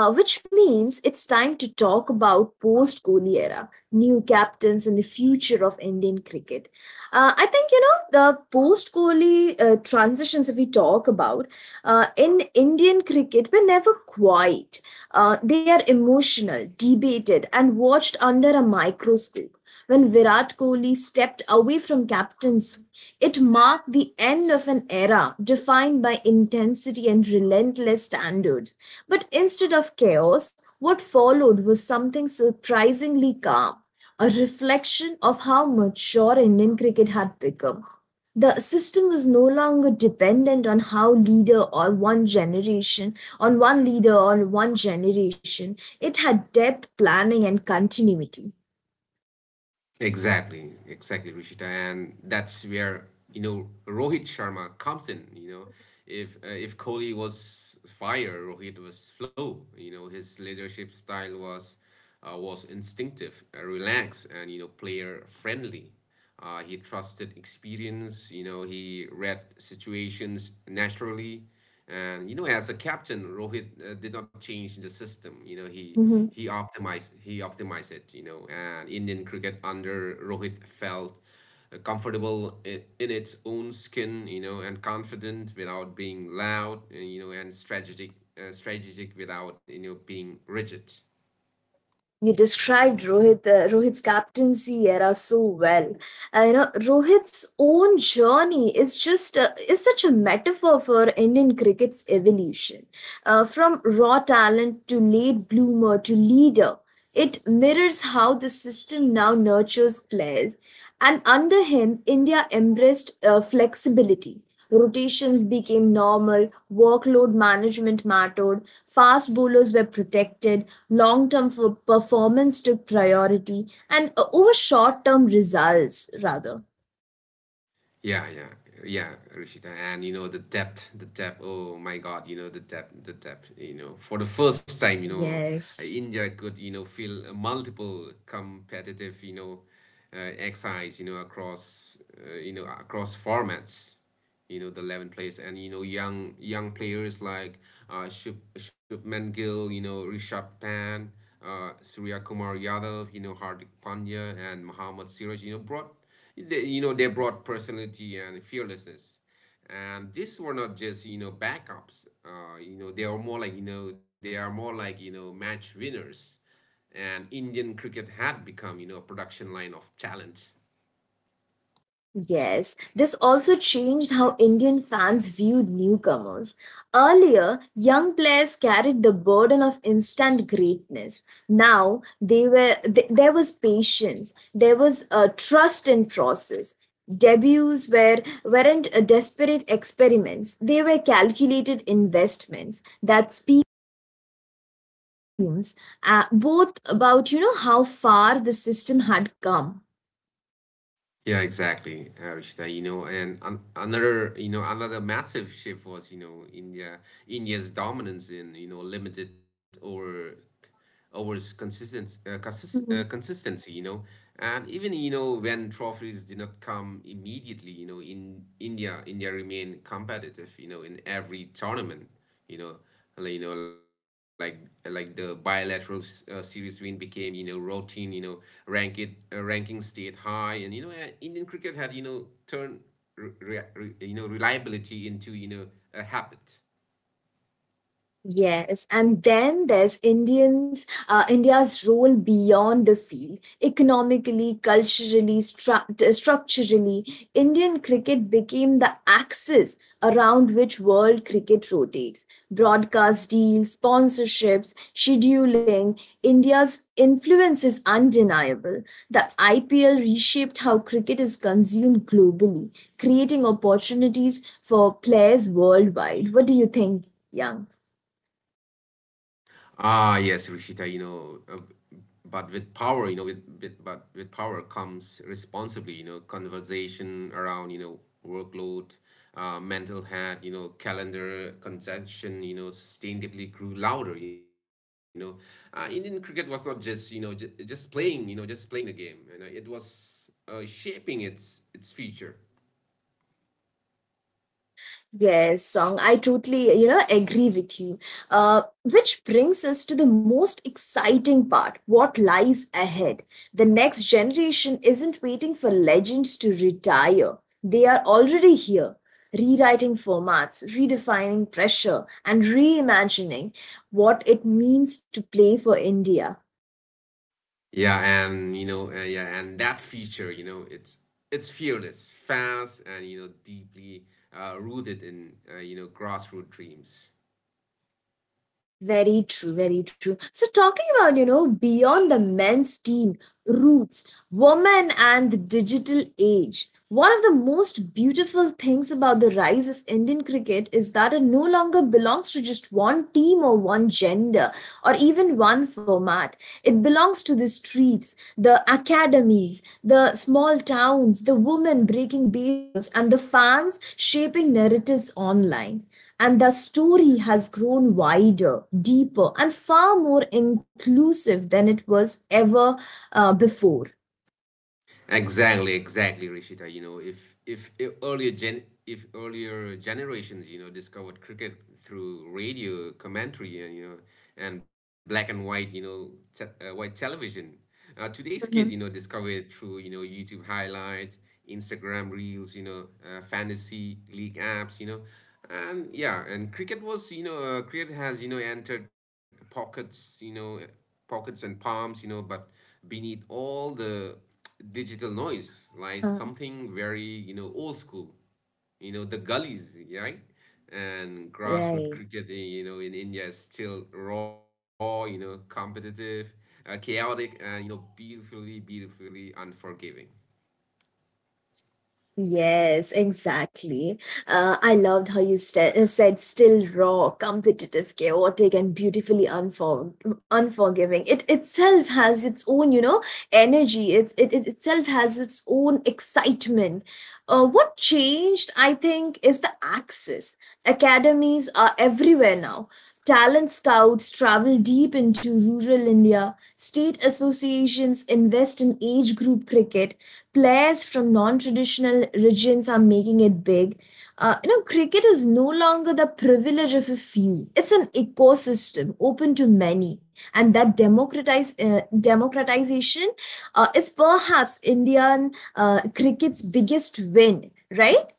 Speaker 1: Uh, which means it's time to talk about post Kohli era, new captains, and the future of Indian cricket. Uh, I think you know the post Kohli uh, transitions. If we talk about uh, in Indian cricket, were never quiet. Uh, they are emotional, debated, and watched under a microscope. When Virat Kohli stepped away from captaincy, it marked the end of an era defined by intensity and relentless standards. But instead of chaos, what followed was something surprisingly calm, a reflection of how mature Indian cricket had become. The system was no longer dependent on how leader or one generation, on one leader or one generation. It had depth, planning, and continuity.
Speaker 2: Exactly exactly Rishita, and that's where, you know, Rohit Sharma comes in. You know, if uh, if Kohli was fire, Rohit was flow. You know, his leadership style was, uh, was instinctive, uh, relaxed, and you know, player friendly. Uh, he trusted experience. You know, he read situations naturally, and you know, as a captain, Rohit uh, did not change the system. You know, he
Speaker 1: Mhm.
Speaker 2: he optimized he optimized it. You know, and Indian cricket under Rohit felt uh, comfortable in, in its own skin. You know, and confident without being loud. uh, You know, and strategic, uh, strategic without, you know, being rigid.
Speaker 1: You described Rohit, uh, Rohit's captaincy era so well. Uh, you know, Rohit's own journey is just uh, is such a metaphor for Indian cricket's evolution, uh, from raw talent to late bloomer to leader. It mirrors how the system now nurtures players and under him, India embraced uh, flexibility. Rotations became normal, workload management mattered, fast bowlers were protected, long term performance took priority, and uh, over short term results, rather.
Speaker 2: Yeah, yeah, yeah, Rishita. And you know, the depth, the depth. Oh my God, you know, the depth, the depth. You know, for the first time, you know, uh,
Speaker 1: Yes.
Speaker 2: India could, you know, feel multiple competitive, you know, uh, exercise, you know, across, uh, you know, across formats, you know, the eleven players, and you know, young young players like, uh, Shub, Shubman Gill, you know, Rishabh Pant, uh, Surya Kumar Yadav, you know, Hardik Pandya, and Mohammad Siraj, you know, brought they, you know they brought personality and fearlessness. And these were not just, you know, backups. Uh, you know they are more like you know they are more like you know, match winners. And Indian cricket had become, you know, a production line of talent.
Speaker 1: Yes, this also changed how Indian fans viewed newcomers. Earlier, young players carried the burden of instant greatness. Now, they were th- there was patience, there was a trust in process. Debuts were weren't uh, desperate experiments; they were calculated investments that speak volumes, uh, both about you know how far the system had come.
Speaker 2: Yeah, exactly, Arishta. You know, and an another, you know, another massive shift was, you know, India, India's dominance in, you know, limited over, over consistent, uh, consist, uh, consistency. You know, and even, you know, when trophies did not come immediately, you know, in India, India remained competitive, you know, in every tournament. You know, like, you know, like like the bilateral s- uh, series win became, you know, routine. You know, rank it uh, ranking stayed high, and you know, uh, Indian cricket had, you know, turned re- re- re- you know reliability into, you know, a habit.
Speaker 1: Yes, and then there's Indians, uh, India's role beyond the field, economically, culturally, stru- uh, structurally. Indian cricket became the axis around which world cricket rotates. Broadcast deals, sponsorships, scheduling, India's influence is undeniable. The I P L reshaped how cricket is consumed globally, creating opportunities for players worldwide. What do you think, Young?
Speaker 2: Ah, yes, Rishita, you know, uh, but with power, you know, with, with but with power comes responsibly, you know, conversation around, you know, workload, uh, mental health, you know, calendar congestion, you know, sustainably grew louder, you know. Uh, Indian cricket was not just, you know, j just playing, you know, just playing the game, and uh, it was uh, shaping its its future.
Speaker 1: Yes, song. I totally, you know, agree with you. Uh, which brings us to the most exciting part, what lies ahead. The next generation isn't waiting for legends to retire. They are already here, rewriting formats, redefining pressure, and reimagining what it means to play for India.
Speaker 2: Yeah, and you know, uh, yeah, and that feature, you know, it's it's fearless, fast, and you know, deeply uh, rooted in, uh, you know, grassroots dreams.
Speaker 1: Very true, very true. So, talking about, you know, beyond the men's team, roots, women, and the digital age, one of the most beautiful things about the rise of Indian cricket is that it no longer belongs to just one team or one gender or even one format. It belongs to the streets, the academies, the small towns, the women breaking barriers, and the fans shaping narratives online. And the story has grown wider, deeper, and far more inclusive than it was ever uh, before.
Speaker 2: Exactly, exactly, Rishita. You know, if if, if earlier gen if earlier generations, you know, discovered cricket through radio commentary and you know, and black and white, you know, te- uh, white television, uh, today's kids, you know,
Speaker 1: Mhm.
Speaker 2: discover it through, you know, YouTube highlights, Instagram reels, you know, uh, fantasy league apps, you know, and yeah, and cricket was, you know, uh, cricket has, you know, entered pockets, you know, pockets and palms, you know, but beneath all the digital noise lies
Speaker 1: Uh.
Speaker 2: something very, you know, old school. You know, the gullies, right? And grassroots
Speaker 1: Right.
Speaker 2: cricket, eh, you know, in India is still raw, you know, competitive, uh, chaotic, and, you know, beautifully, beautifully unforgiving.
Speaker 1: Yes, exactly. Uh, I loved how you st- uh, said still raw, competitive, chaotic, and beautifully unfor- unforgiving. It itself has its own, you know, energy. It's, it, it itself has its own excitement. Uh, what changed, I think, is the access. Academies are everywhere now. Talent scouts travel deep into rural India. State associations invest in age group cricket players from non-traditional regions are making it big. Uh, you know, cricket is no longer the privilege of a few. It's an ecosystem open to many, and that democratize uh, democratization uh, is perhaps Indian uh, cricket's biggest win. Right?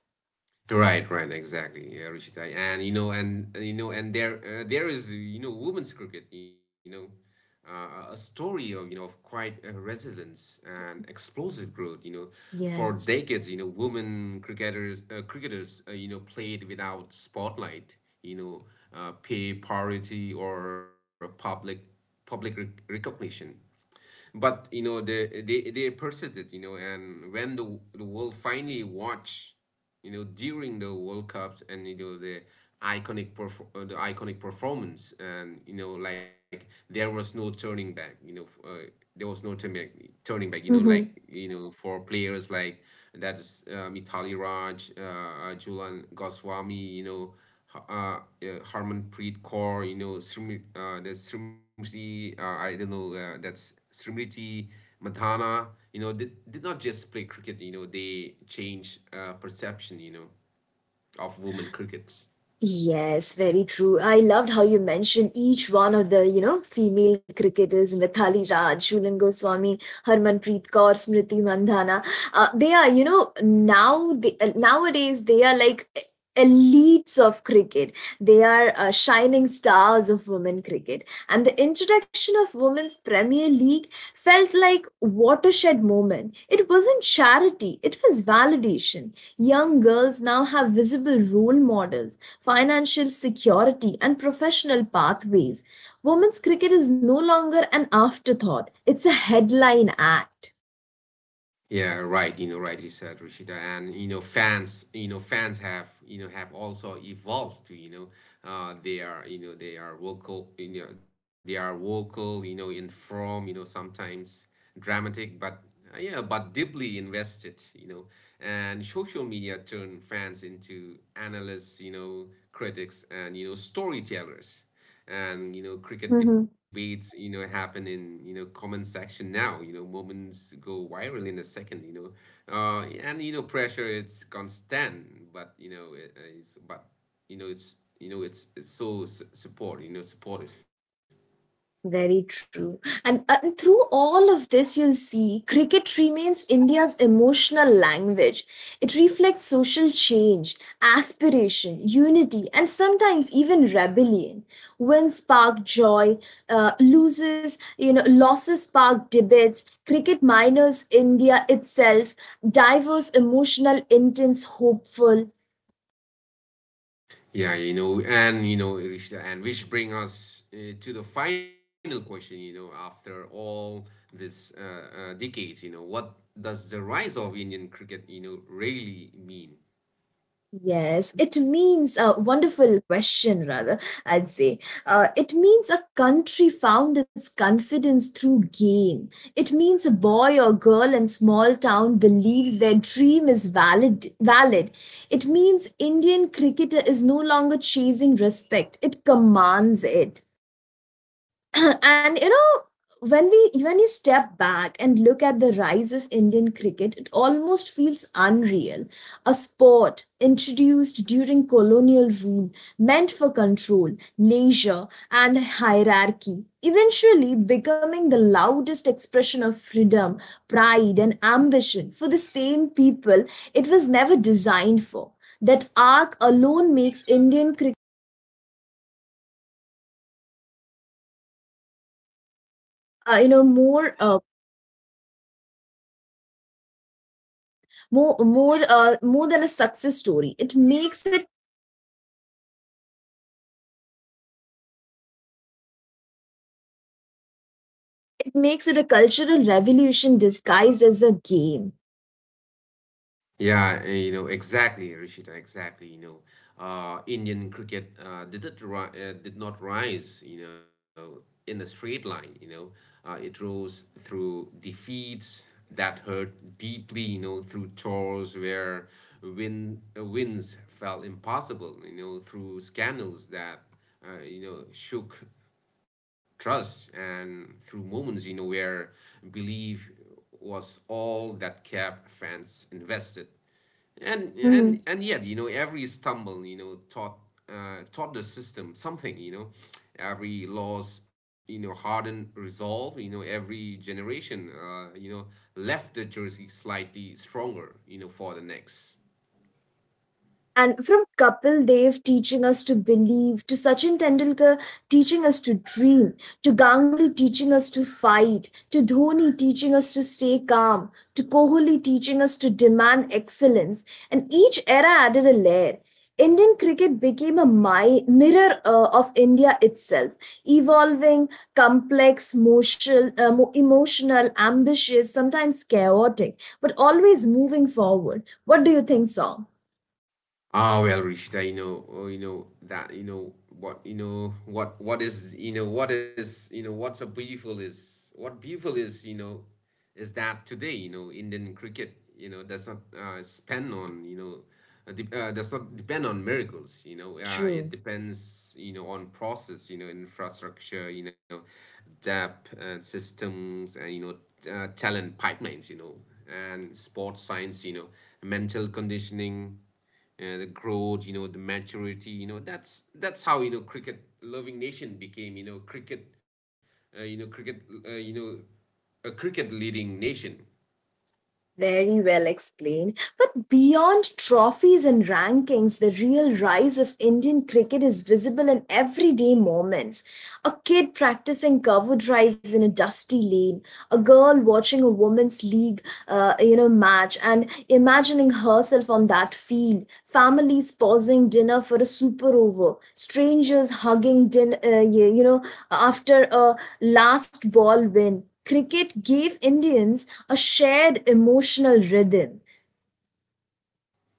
Speaker 2: Right, right, exactly. Yeah, Rishitai. And you know, and you know, and there, uh, there is, you know, women's cricket. You know, uh, a story of, you know, of quite uh, resilience and explosive growth. You know, for
Speaker 1: Yes.
Speaker 2: decades, you know, women cricketers, uh, cricketers, uh, you know, played without spotlight. You know, uh, pay parity or public, public rec recognition. But you know, the they they persisted, you know, and when the the world finally watched, you know, during the world cups, and you know, the iconic perf- uh, the iconic performance, and you know, like, there was no turning back, you know, f- uh, there was no turning back, turning back you know, like,
Speaker 1: Mhm.
Speaker 2: you know, for players like, that's uh, Mitali Raj, uh, Julian Goswami, you know, uh, uh, Harmanpreet Kaur, you know, Smriti, uh, there's Smriti, uh, I don't know, uh, that's Smriti Madhana, you know, did, did not just play cricket, you know, they change uh, perception, you know, of women crickets.
Speaker 1: Yes, very true. I loved how you mentioned each one of the, you know, female cricketers, Mithali Raj, Shulan Goswami, Harmanpreet Kaur, Smriti Mandhana. Uh, they are, you know, now they, uh, nowadays they are like e- elites of cricket. They are uh, shining stars of women cricket. And the introduction of Women's Premier League felt like a watershed moment. It wasn't charity, it was validation. Young girls now have visible role models, financial security and professional pathways. Women's cricket is no longer an afterthought, it's a headline act.
Speaker 2: Yeah, right. You know, rightly said, Rashida. And you know, fans, you know, fans have, you know, have also evolved to, you know, uh, they are, you know, they are vocal, you know, they are vocal, you know, in form, you know, sometimes dramatic, but uh, yeah, but deeply invested, you know. And social media turn fans into analysts, you know, critics, and you know, storytellers. And you know, cricket
Speaker 1: Mhm.
Speaker 2: debates, you know, happen in, you know, comment section now. You know, moments go viral in a second, you know, uh, and you know, pressure, it's constant, but you know, it, uh, it's but you know, it's, you know, it's, it's so s- support you know supportive.
Speaker 1: Very true. And uh, Through all of this, you'll see cricket remains India's emotional language. It reflects social change, aspiration, unity, and sometimes even rebellion. When spark joy, uh, loses, you know, losses spark debates. Cricket minors India itself, diverse, emotional, intense, hopeful.
Speaker 2: Yeah, you know, and you know, Rishta, and which bring us uh, to the final question. You know, after all this uh, uh, decades, you know, what does the rise of Indian cricket, you know, really mean?
Speaker 1: Yes, it means a wonderful question, rather, I'd say. Uh, it means a country found its confidence through game. It means a boy or girl in small town believes their dream is valid valid. It means Indian cricketer is no longer chasing respect. It commands it. [CLEARS THROAT] And you know when we when you step back and look at the rise of Indian cricket, it almost feels unreal. A sport introduced during colonial rule, meant for control, leisure, and hierarchy, eventually becoming the loudest expression of freedom, pride, and ambition for the same people it was never designed for. That arc alone makes Indian cricket uh, you know more uh, more more uh, more than a success story. It makes it it makes it a cultural revolution disguised as a game.
Speaker 2: Yeah, uh, you know, exactly, Rishita, exactly. You know, uh, Indian cricket uh, did it ri- uh, did not rise, you know, in a straight line. You know, uh, it rose through defeats that hurt deeply. You know, through tours where win uh, wins felt impossible. You know, through scandals that, uh, you know, shook trust, and through moments, you know, where belief was all that kept fans invested. And and and yet, you know, every stumble, you know, taught, uh, taught the system something, you know. Every loss, you know, hardened resolve. You know, every generation, uh, you know, left the jersey slightly stronger, you know, for the next.
Speaker 1: And from Kapil Dev teaching us to believe, to Sachin Tendulkar teaching us to dream, to Ganguly teaching us to fight, to Dhoni teaching us to stay calm, to Kohli teaching us to demand excellence, and each era added a layer. Indian cricket became a mi- mirror uh, of India itself, evolving, complex, motion, uh, mo- emotional, ambitious, sometimes chaotic, but always moving forward. What do you think, Song?
Speaker 2: Ah, well, Rishita, you know, oh, you know, that you know what you know what what is you know what is you know what's a beautiful is what beautiful is you know, is that today, you know, Indian cricket, you know, does not uh, spend on, you know, uh, de- uh, does not depend on miracles. You know, uh, it
Speaker 1: True.
Speaker 2: depends, you know, on process, you know, infrastructure, you know, depth and systems, and you know, t- uh, talent pipelines, you know, and sports science, you know, mental conditioning, uh, the growth, you know, the maturity, you know, that's that's how, you know, cricket loving nation became, you know, cricket, uh, you know, cricket, uh, you know a cricket leading nation.
Speaker 1: Very well explained. But beyond trophies and rankings, the real rise of Indian cricket is visible in everyday moments. A kid practicing cover drives in a dusty lane, a girl watching a women's league uh, you know match and imagining herself on that field. Families pausing dinner for a super over, strangers hugging din- uh, yeah, you know, after a last ball win. Cricket gave Indians a shared emotional rhythm.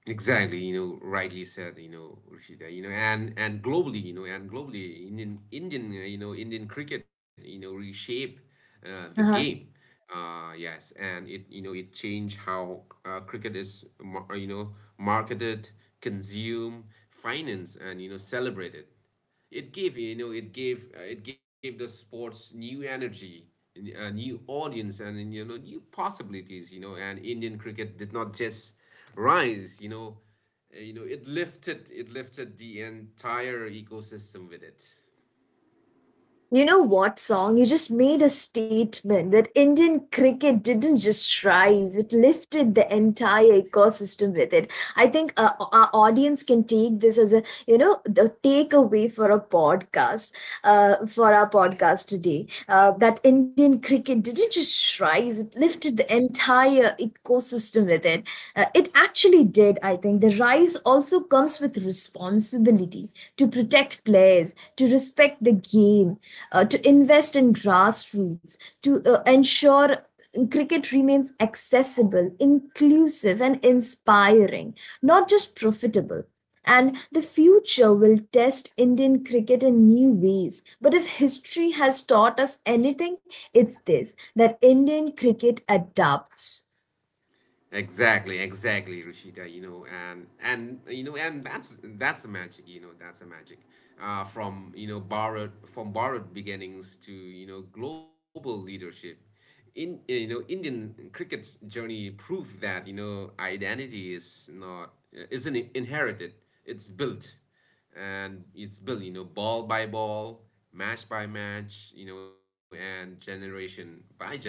Speaker 2: Exactly, you know, rightly said, you know, Rashida, you know, and and globally, you know, and globally, Indian Indian, uh, you know, Indian cricket, you know, reshape uh, the
Speaker 1: Uh-huh.
Speaker 2: game. Uh, yes, and it, you know, it changed how, uh, cricket is, mar- you know, marketed, consumed, financed, and you know, celebrated. It gave, you know, it gave, uh, it gave the sports new energy, n- a new audience, and and, you know, new possibilities. You know, and Indian cricket did not just rise. You know, uh, you know, it lifted, it lifted the entire ecosystem with it.
Speaker 1: You know what, song? You just made a statement that Indian cricket didn't just rise, it lifted the entire ecosystem with it. I think uh, our audience can take this as a you know the takeaway for a podcast, uh, for our podcast today, uh, that Indian cricket didn't just rise; it lifted the entire ecosystem with it. Uh, it actually did. I think the rise also comes with responsibility to protect players, to respect the game, uh, to invest in grassroots, to uh, ensure cricket remains accessible, inclusive, and inspiring, not just profitable. And the future will test Indian cricket in new ways. But if history has taught us anything, it's this, that Indian cricket adapts.
Speaker 2: Exactly, exactly, Rashida. You know, and and you know, and that's that's the magic. You know, that's the magic. Uh, from, you know, borrowed from borrowed beginnings to, you know, global leadership. In uh, You know, Indian cricket's journey proved that, you know, identity is not, uh, isn't inherited. It's built, and it's built, you know, ball by ball, match by match, you know, and generation by generation.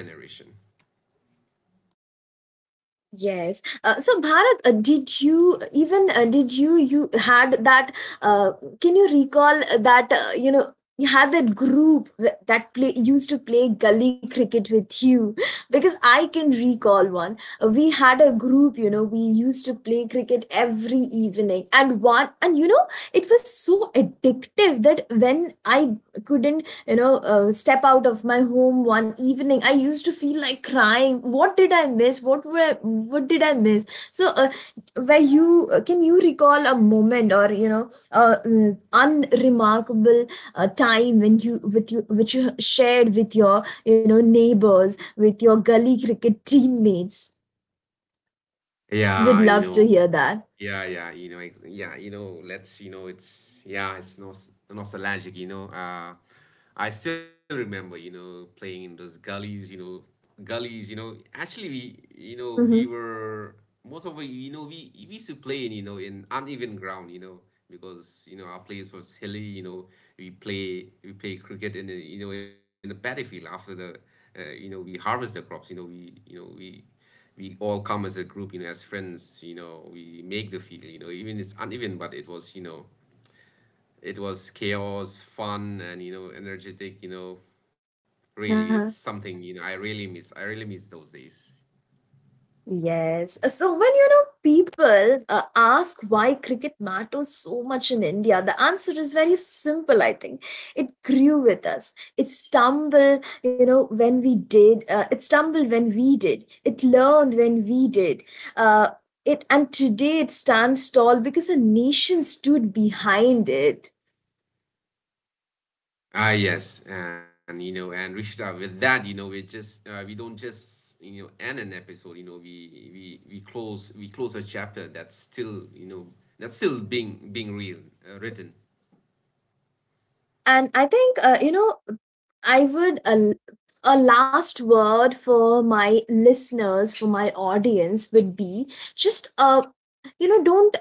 Speaker 1: Yes. Uh, so Bharat, uh, did you even uh, did you you had that? Uh, can you recall that uh, you know you had that group wh- that play used to play gully cricket with you? [LAUGHS] Because I can recall one. Uh, We had a group. You know, we used to play cricket every evening, and one and you know it was so addictive that when I couldn't, you know, uh, step out of my home one evening, I used to feel like crying. What did I miss? What were what did I miss? So uh, where you uh, can you recall a moment, or you know uh, uh, unremarkable uh, time when you with you which you shared with your, you know, neighbors, with your gully cricket teammates? We'd
Speaker 2: Yeah, you
Speaker 1: love to
Speaker 2: know.
Speaker 1: hear that.
Speaker 2: Yeah, yeah, you know, ex yeah, you know, let's, you know, it's, yeah, it's nos nostalgic, you know. Uh, I still remember, you know, playing in those gullies, you know, gullies, you know. Actually, we, you know, we
Speaker 1: Mm-hmm.
Speaker 2: were most of, we- you know, we we used to play in, you know, in uneven ground, you know, because, you know, our place was hilly, you know. We play, we play cricket in, the you know, in the paddy field after the, uh, you know, we harvest the crops, you know, we, you know, we we all come as a group, you know, as friends, you know, we make the field, you know, even it's uneven, but it was, you know, it was chaos, fun, and you know, energetic, you know, really, it's
Speaker 1: Uh-huh.
Speaker 2: something, you know, I really miss, I really miss those days.
Speaker 1: Yes. Uh, So when you know people uh, ask why cricket matters so much in India, the answer is very simple, I think. It grew with us. It stumbled, you know, when we did. Uh, it stumbled when we did. It learned when we did. Uh, it and today it stands tall because a nation stood behind it.
Speaker 2: Ah, yes, and you know, and Rishta, with that, you know, we just uh, we don't just, you know, end an episode. You know, we we we close we close a chapter that's still, you know, that's still being, being real uh, written.
Speaker 1: And I think, uh, you know, I would a, a last word for my listeners, for my audience, would be just, uh, you know, don't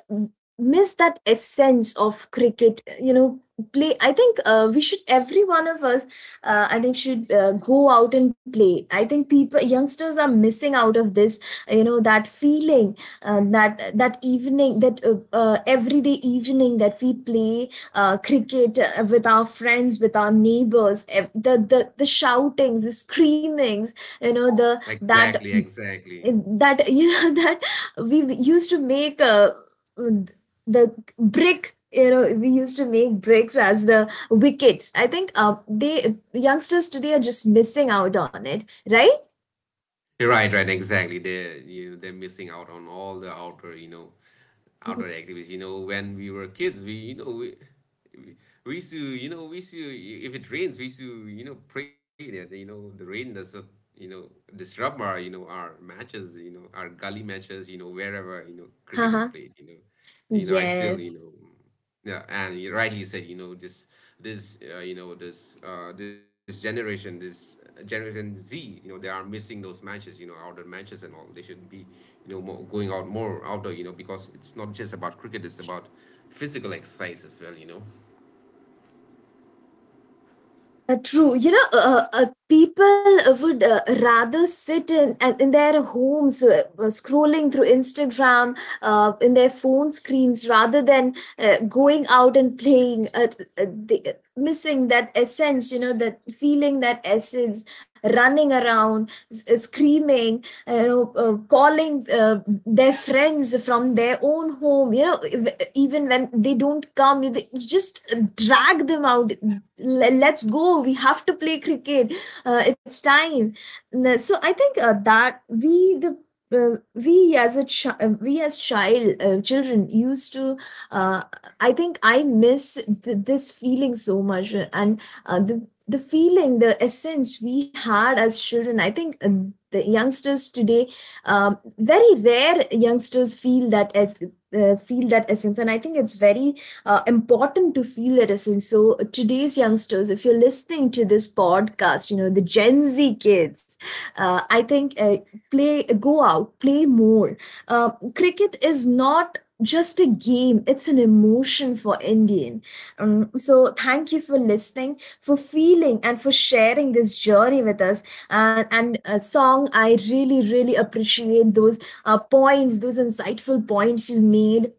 Speaker 1: miss that essence of cricket. You know, play. I think uh, we should, every one of us, uh, I think, should uh, go out and play. I think people, youngsters, are missing out of this. You know, that feeling, uh, that that evening, that uh, uh, everyday evening that we play uh, cricket uh, with our friends, with our neighbors, the, the the shoutings, the screamings, you know, the that
Speaker 2: Exactly, exactly.
Speaker 1: that you know [LAUGHS] that we used to make uh, the brick, you know, we used to make bricks as the wickets. I think uh, they youngsters today are just missing out on it, right?
Speaker 2: Right, right, exactly. They, you know, they're missing out on all the outdoor, you know,
Speaker 1: Mhm.
Speaker 2: outdoor activities. You know, when we were kids, we, you know, we, we, we used to, you know, we used to, if it rains, we used to, you know, pray that, you know, the rain doesn't, you know, disrupt our, you know, our matches, you know, our gully matches, you know, wherever, you know,
Speaker 1: Haha.
Speaker 2: cricket is played, you know. You know, I still, you
Speaker 1: Yes.
Speaker 2: know, yeah, and you rightly said, you know, this, this, uh, you know, this, uh, this generation, this uh, generation Z, you know, they are missing those matches, you know, outdoor matches and all. They should be, you know, more going out, more outdoor, you know, because it's not just about cricket; it's about physical exercise as well, you know.
Speaker 1: Uh, true. You know, uh, uh, people uh, would uh, rather sit in and in their homes, uh, scrolling through Instagram uh, in their phone screens, rather than uh, going out and playing. Uh, uh, they, missing that essence, you know, that feeling, that essence, running around, s- uh, screaming, uh, you know, uh, calling uh, their friends from their own home, you know, even when they don't come, you just drag them out. Let's go. We have to play cricket. Uh, it's time. So I think uh, that we, the uh, we as a chi- uh, we as child uh, children used to, uh, I think, I miss th- this feeling so much, uh, and uh, the the feeling, the essence we had as children. I think uh, the youngsters today, um, very rare youngsters feel that es- uh, feel that essence, and I think it's very uh, important to feel that essence. So uh, today's youngsters, if you're listening to this podcast, you know, the Gen Z kids, uh, I think uh, play, uh, go out, play more. Uh, cricket is not just a game; it's an emotion for Indian. Um, so, thank you for listening, for feeling, and for sharing this journey with us. And, and a song, I really, really appreciate those uh, points, those insightful points you made.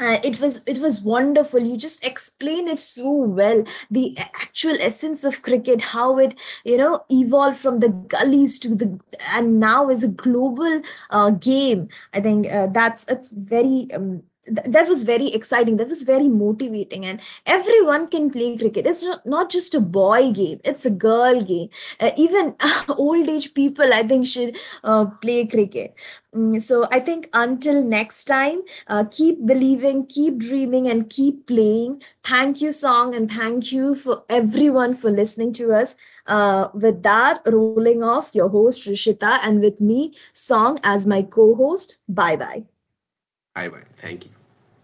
Speaker 1: uh, it was It was wonderful. You just explain it so well, the a- actual essence of cricket, how it, you know, evolved from the gullies to the, and now is a global uh, game. I think uh, that's that's very um, th- that was very exciting, that was very motivating, and everyone can play cricket. It's no- not just a boy game, it's a girl game. Uh, even [LAUGHS] old age people, I think, should uh, play cricket. Mm. So I think until next time, uh, keep believing, keep dreaming, and keep playing. Thank you, song, and thank you for everyone for listening to us. Uh, with that, rolling off your host Rishita, and with me, song as my co-host. Bye bye.
Speaker 2: Bye bye. Thank you.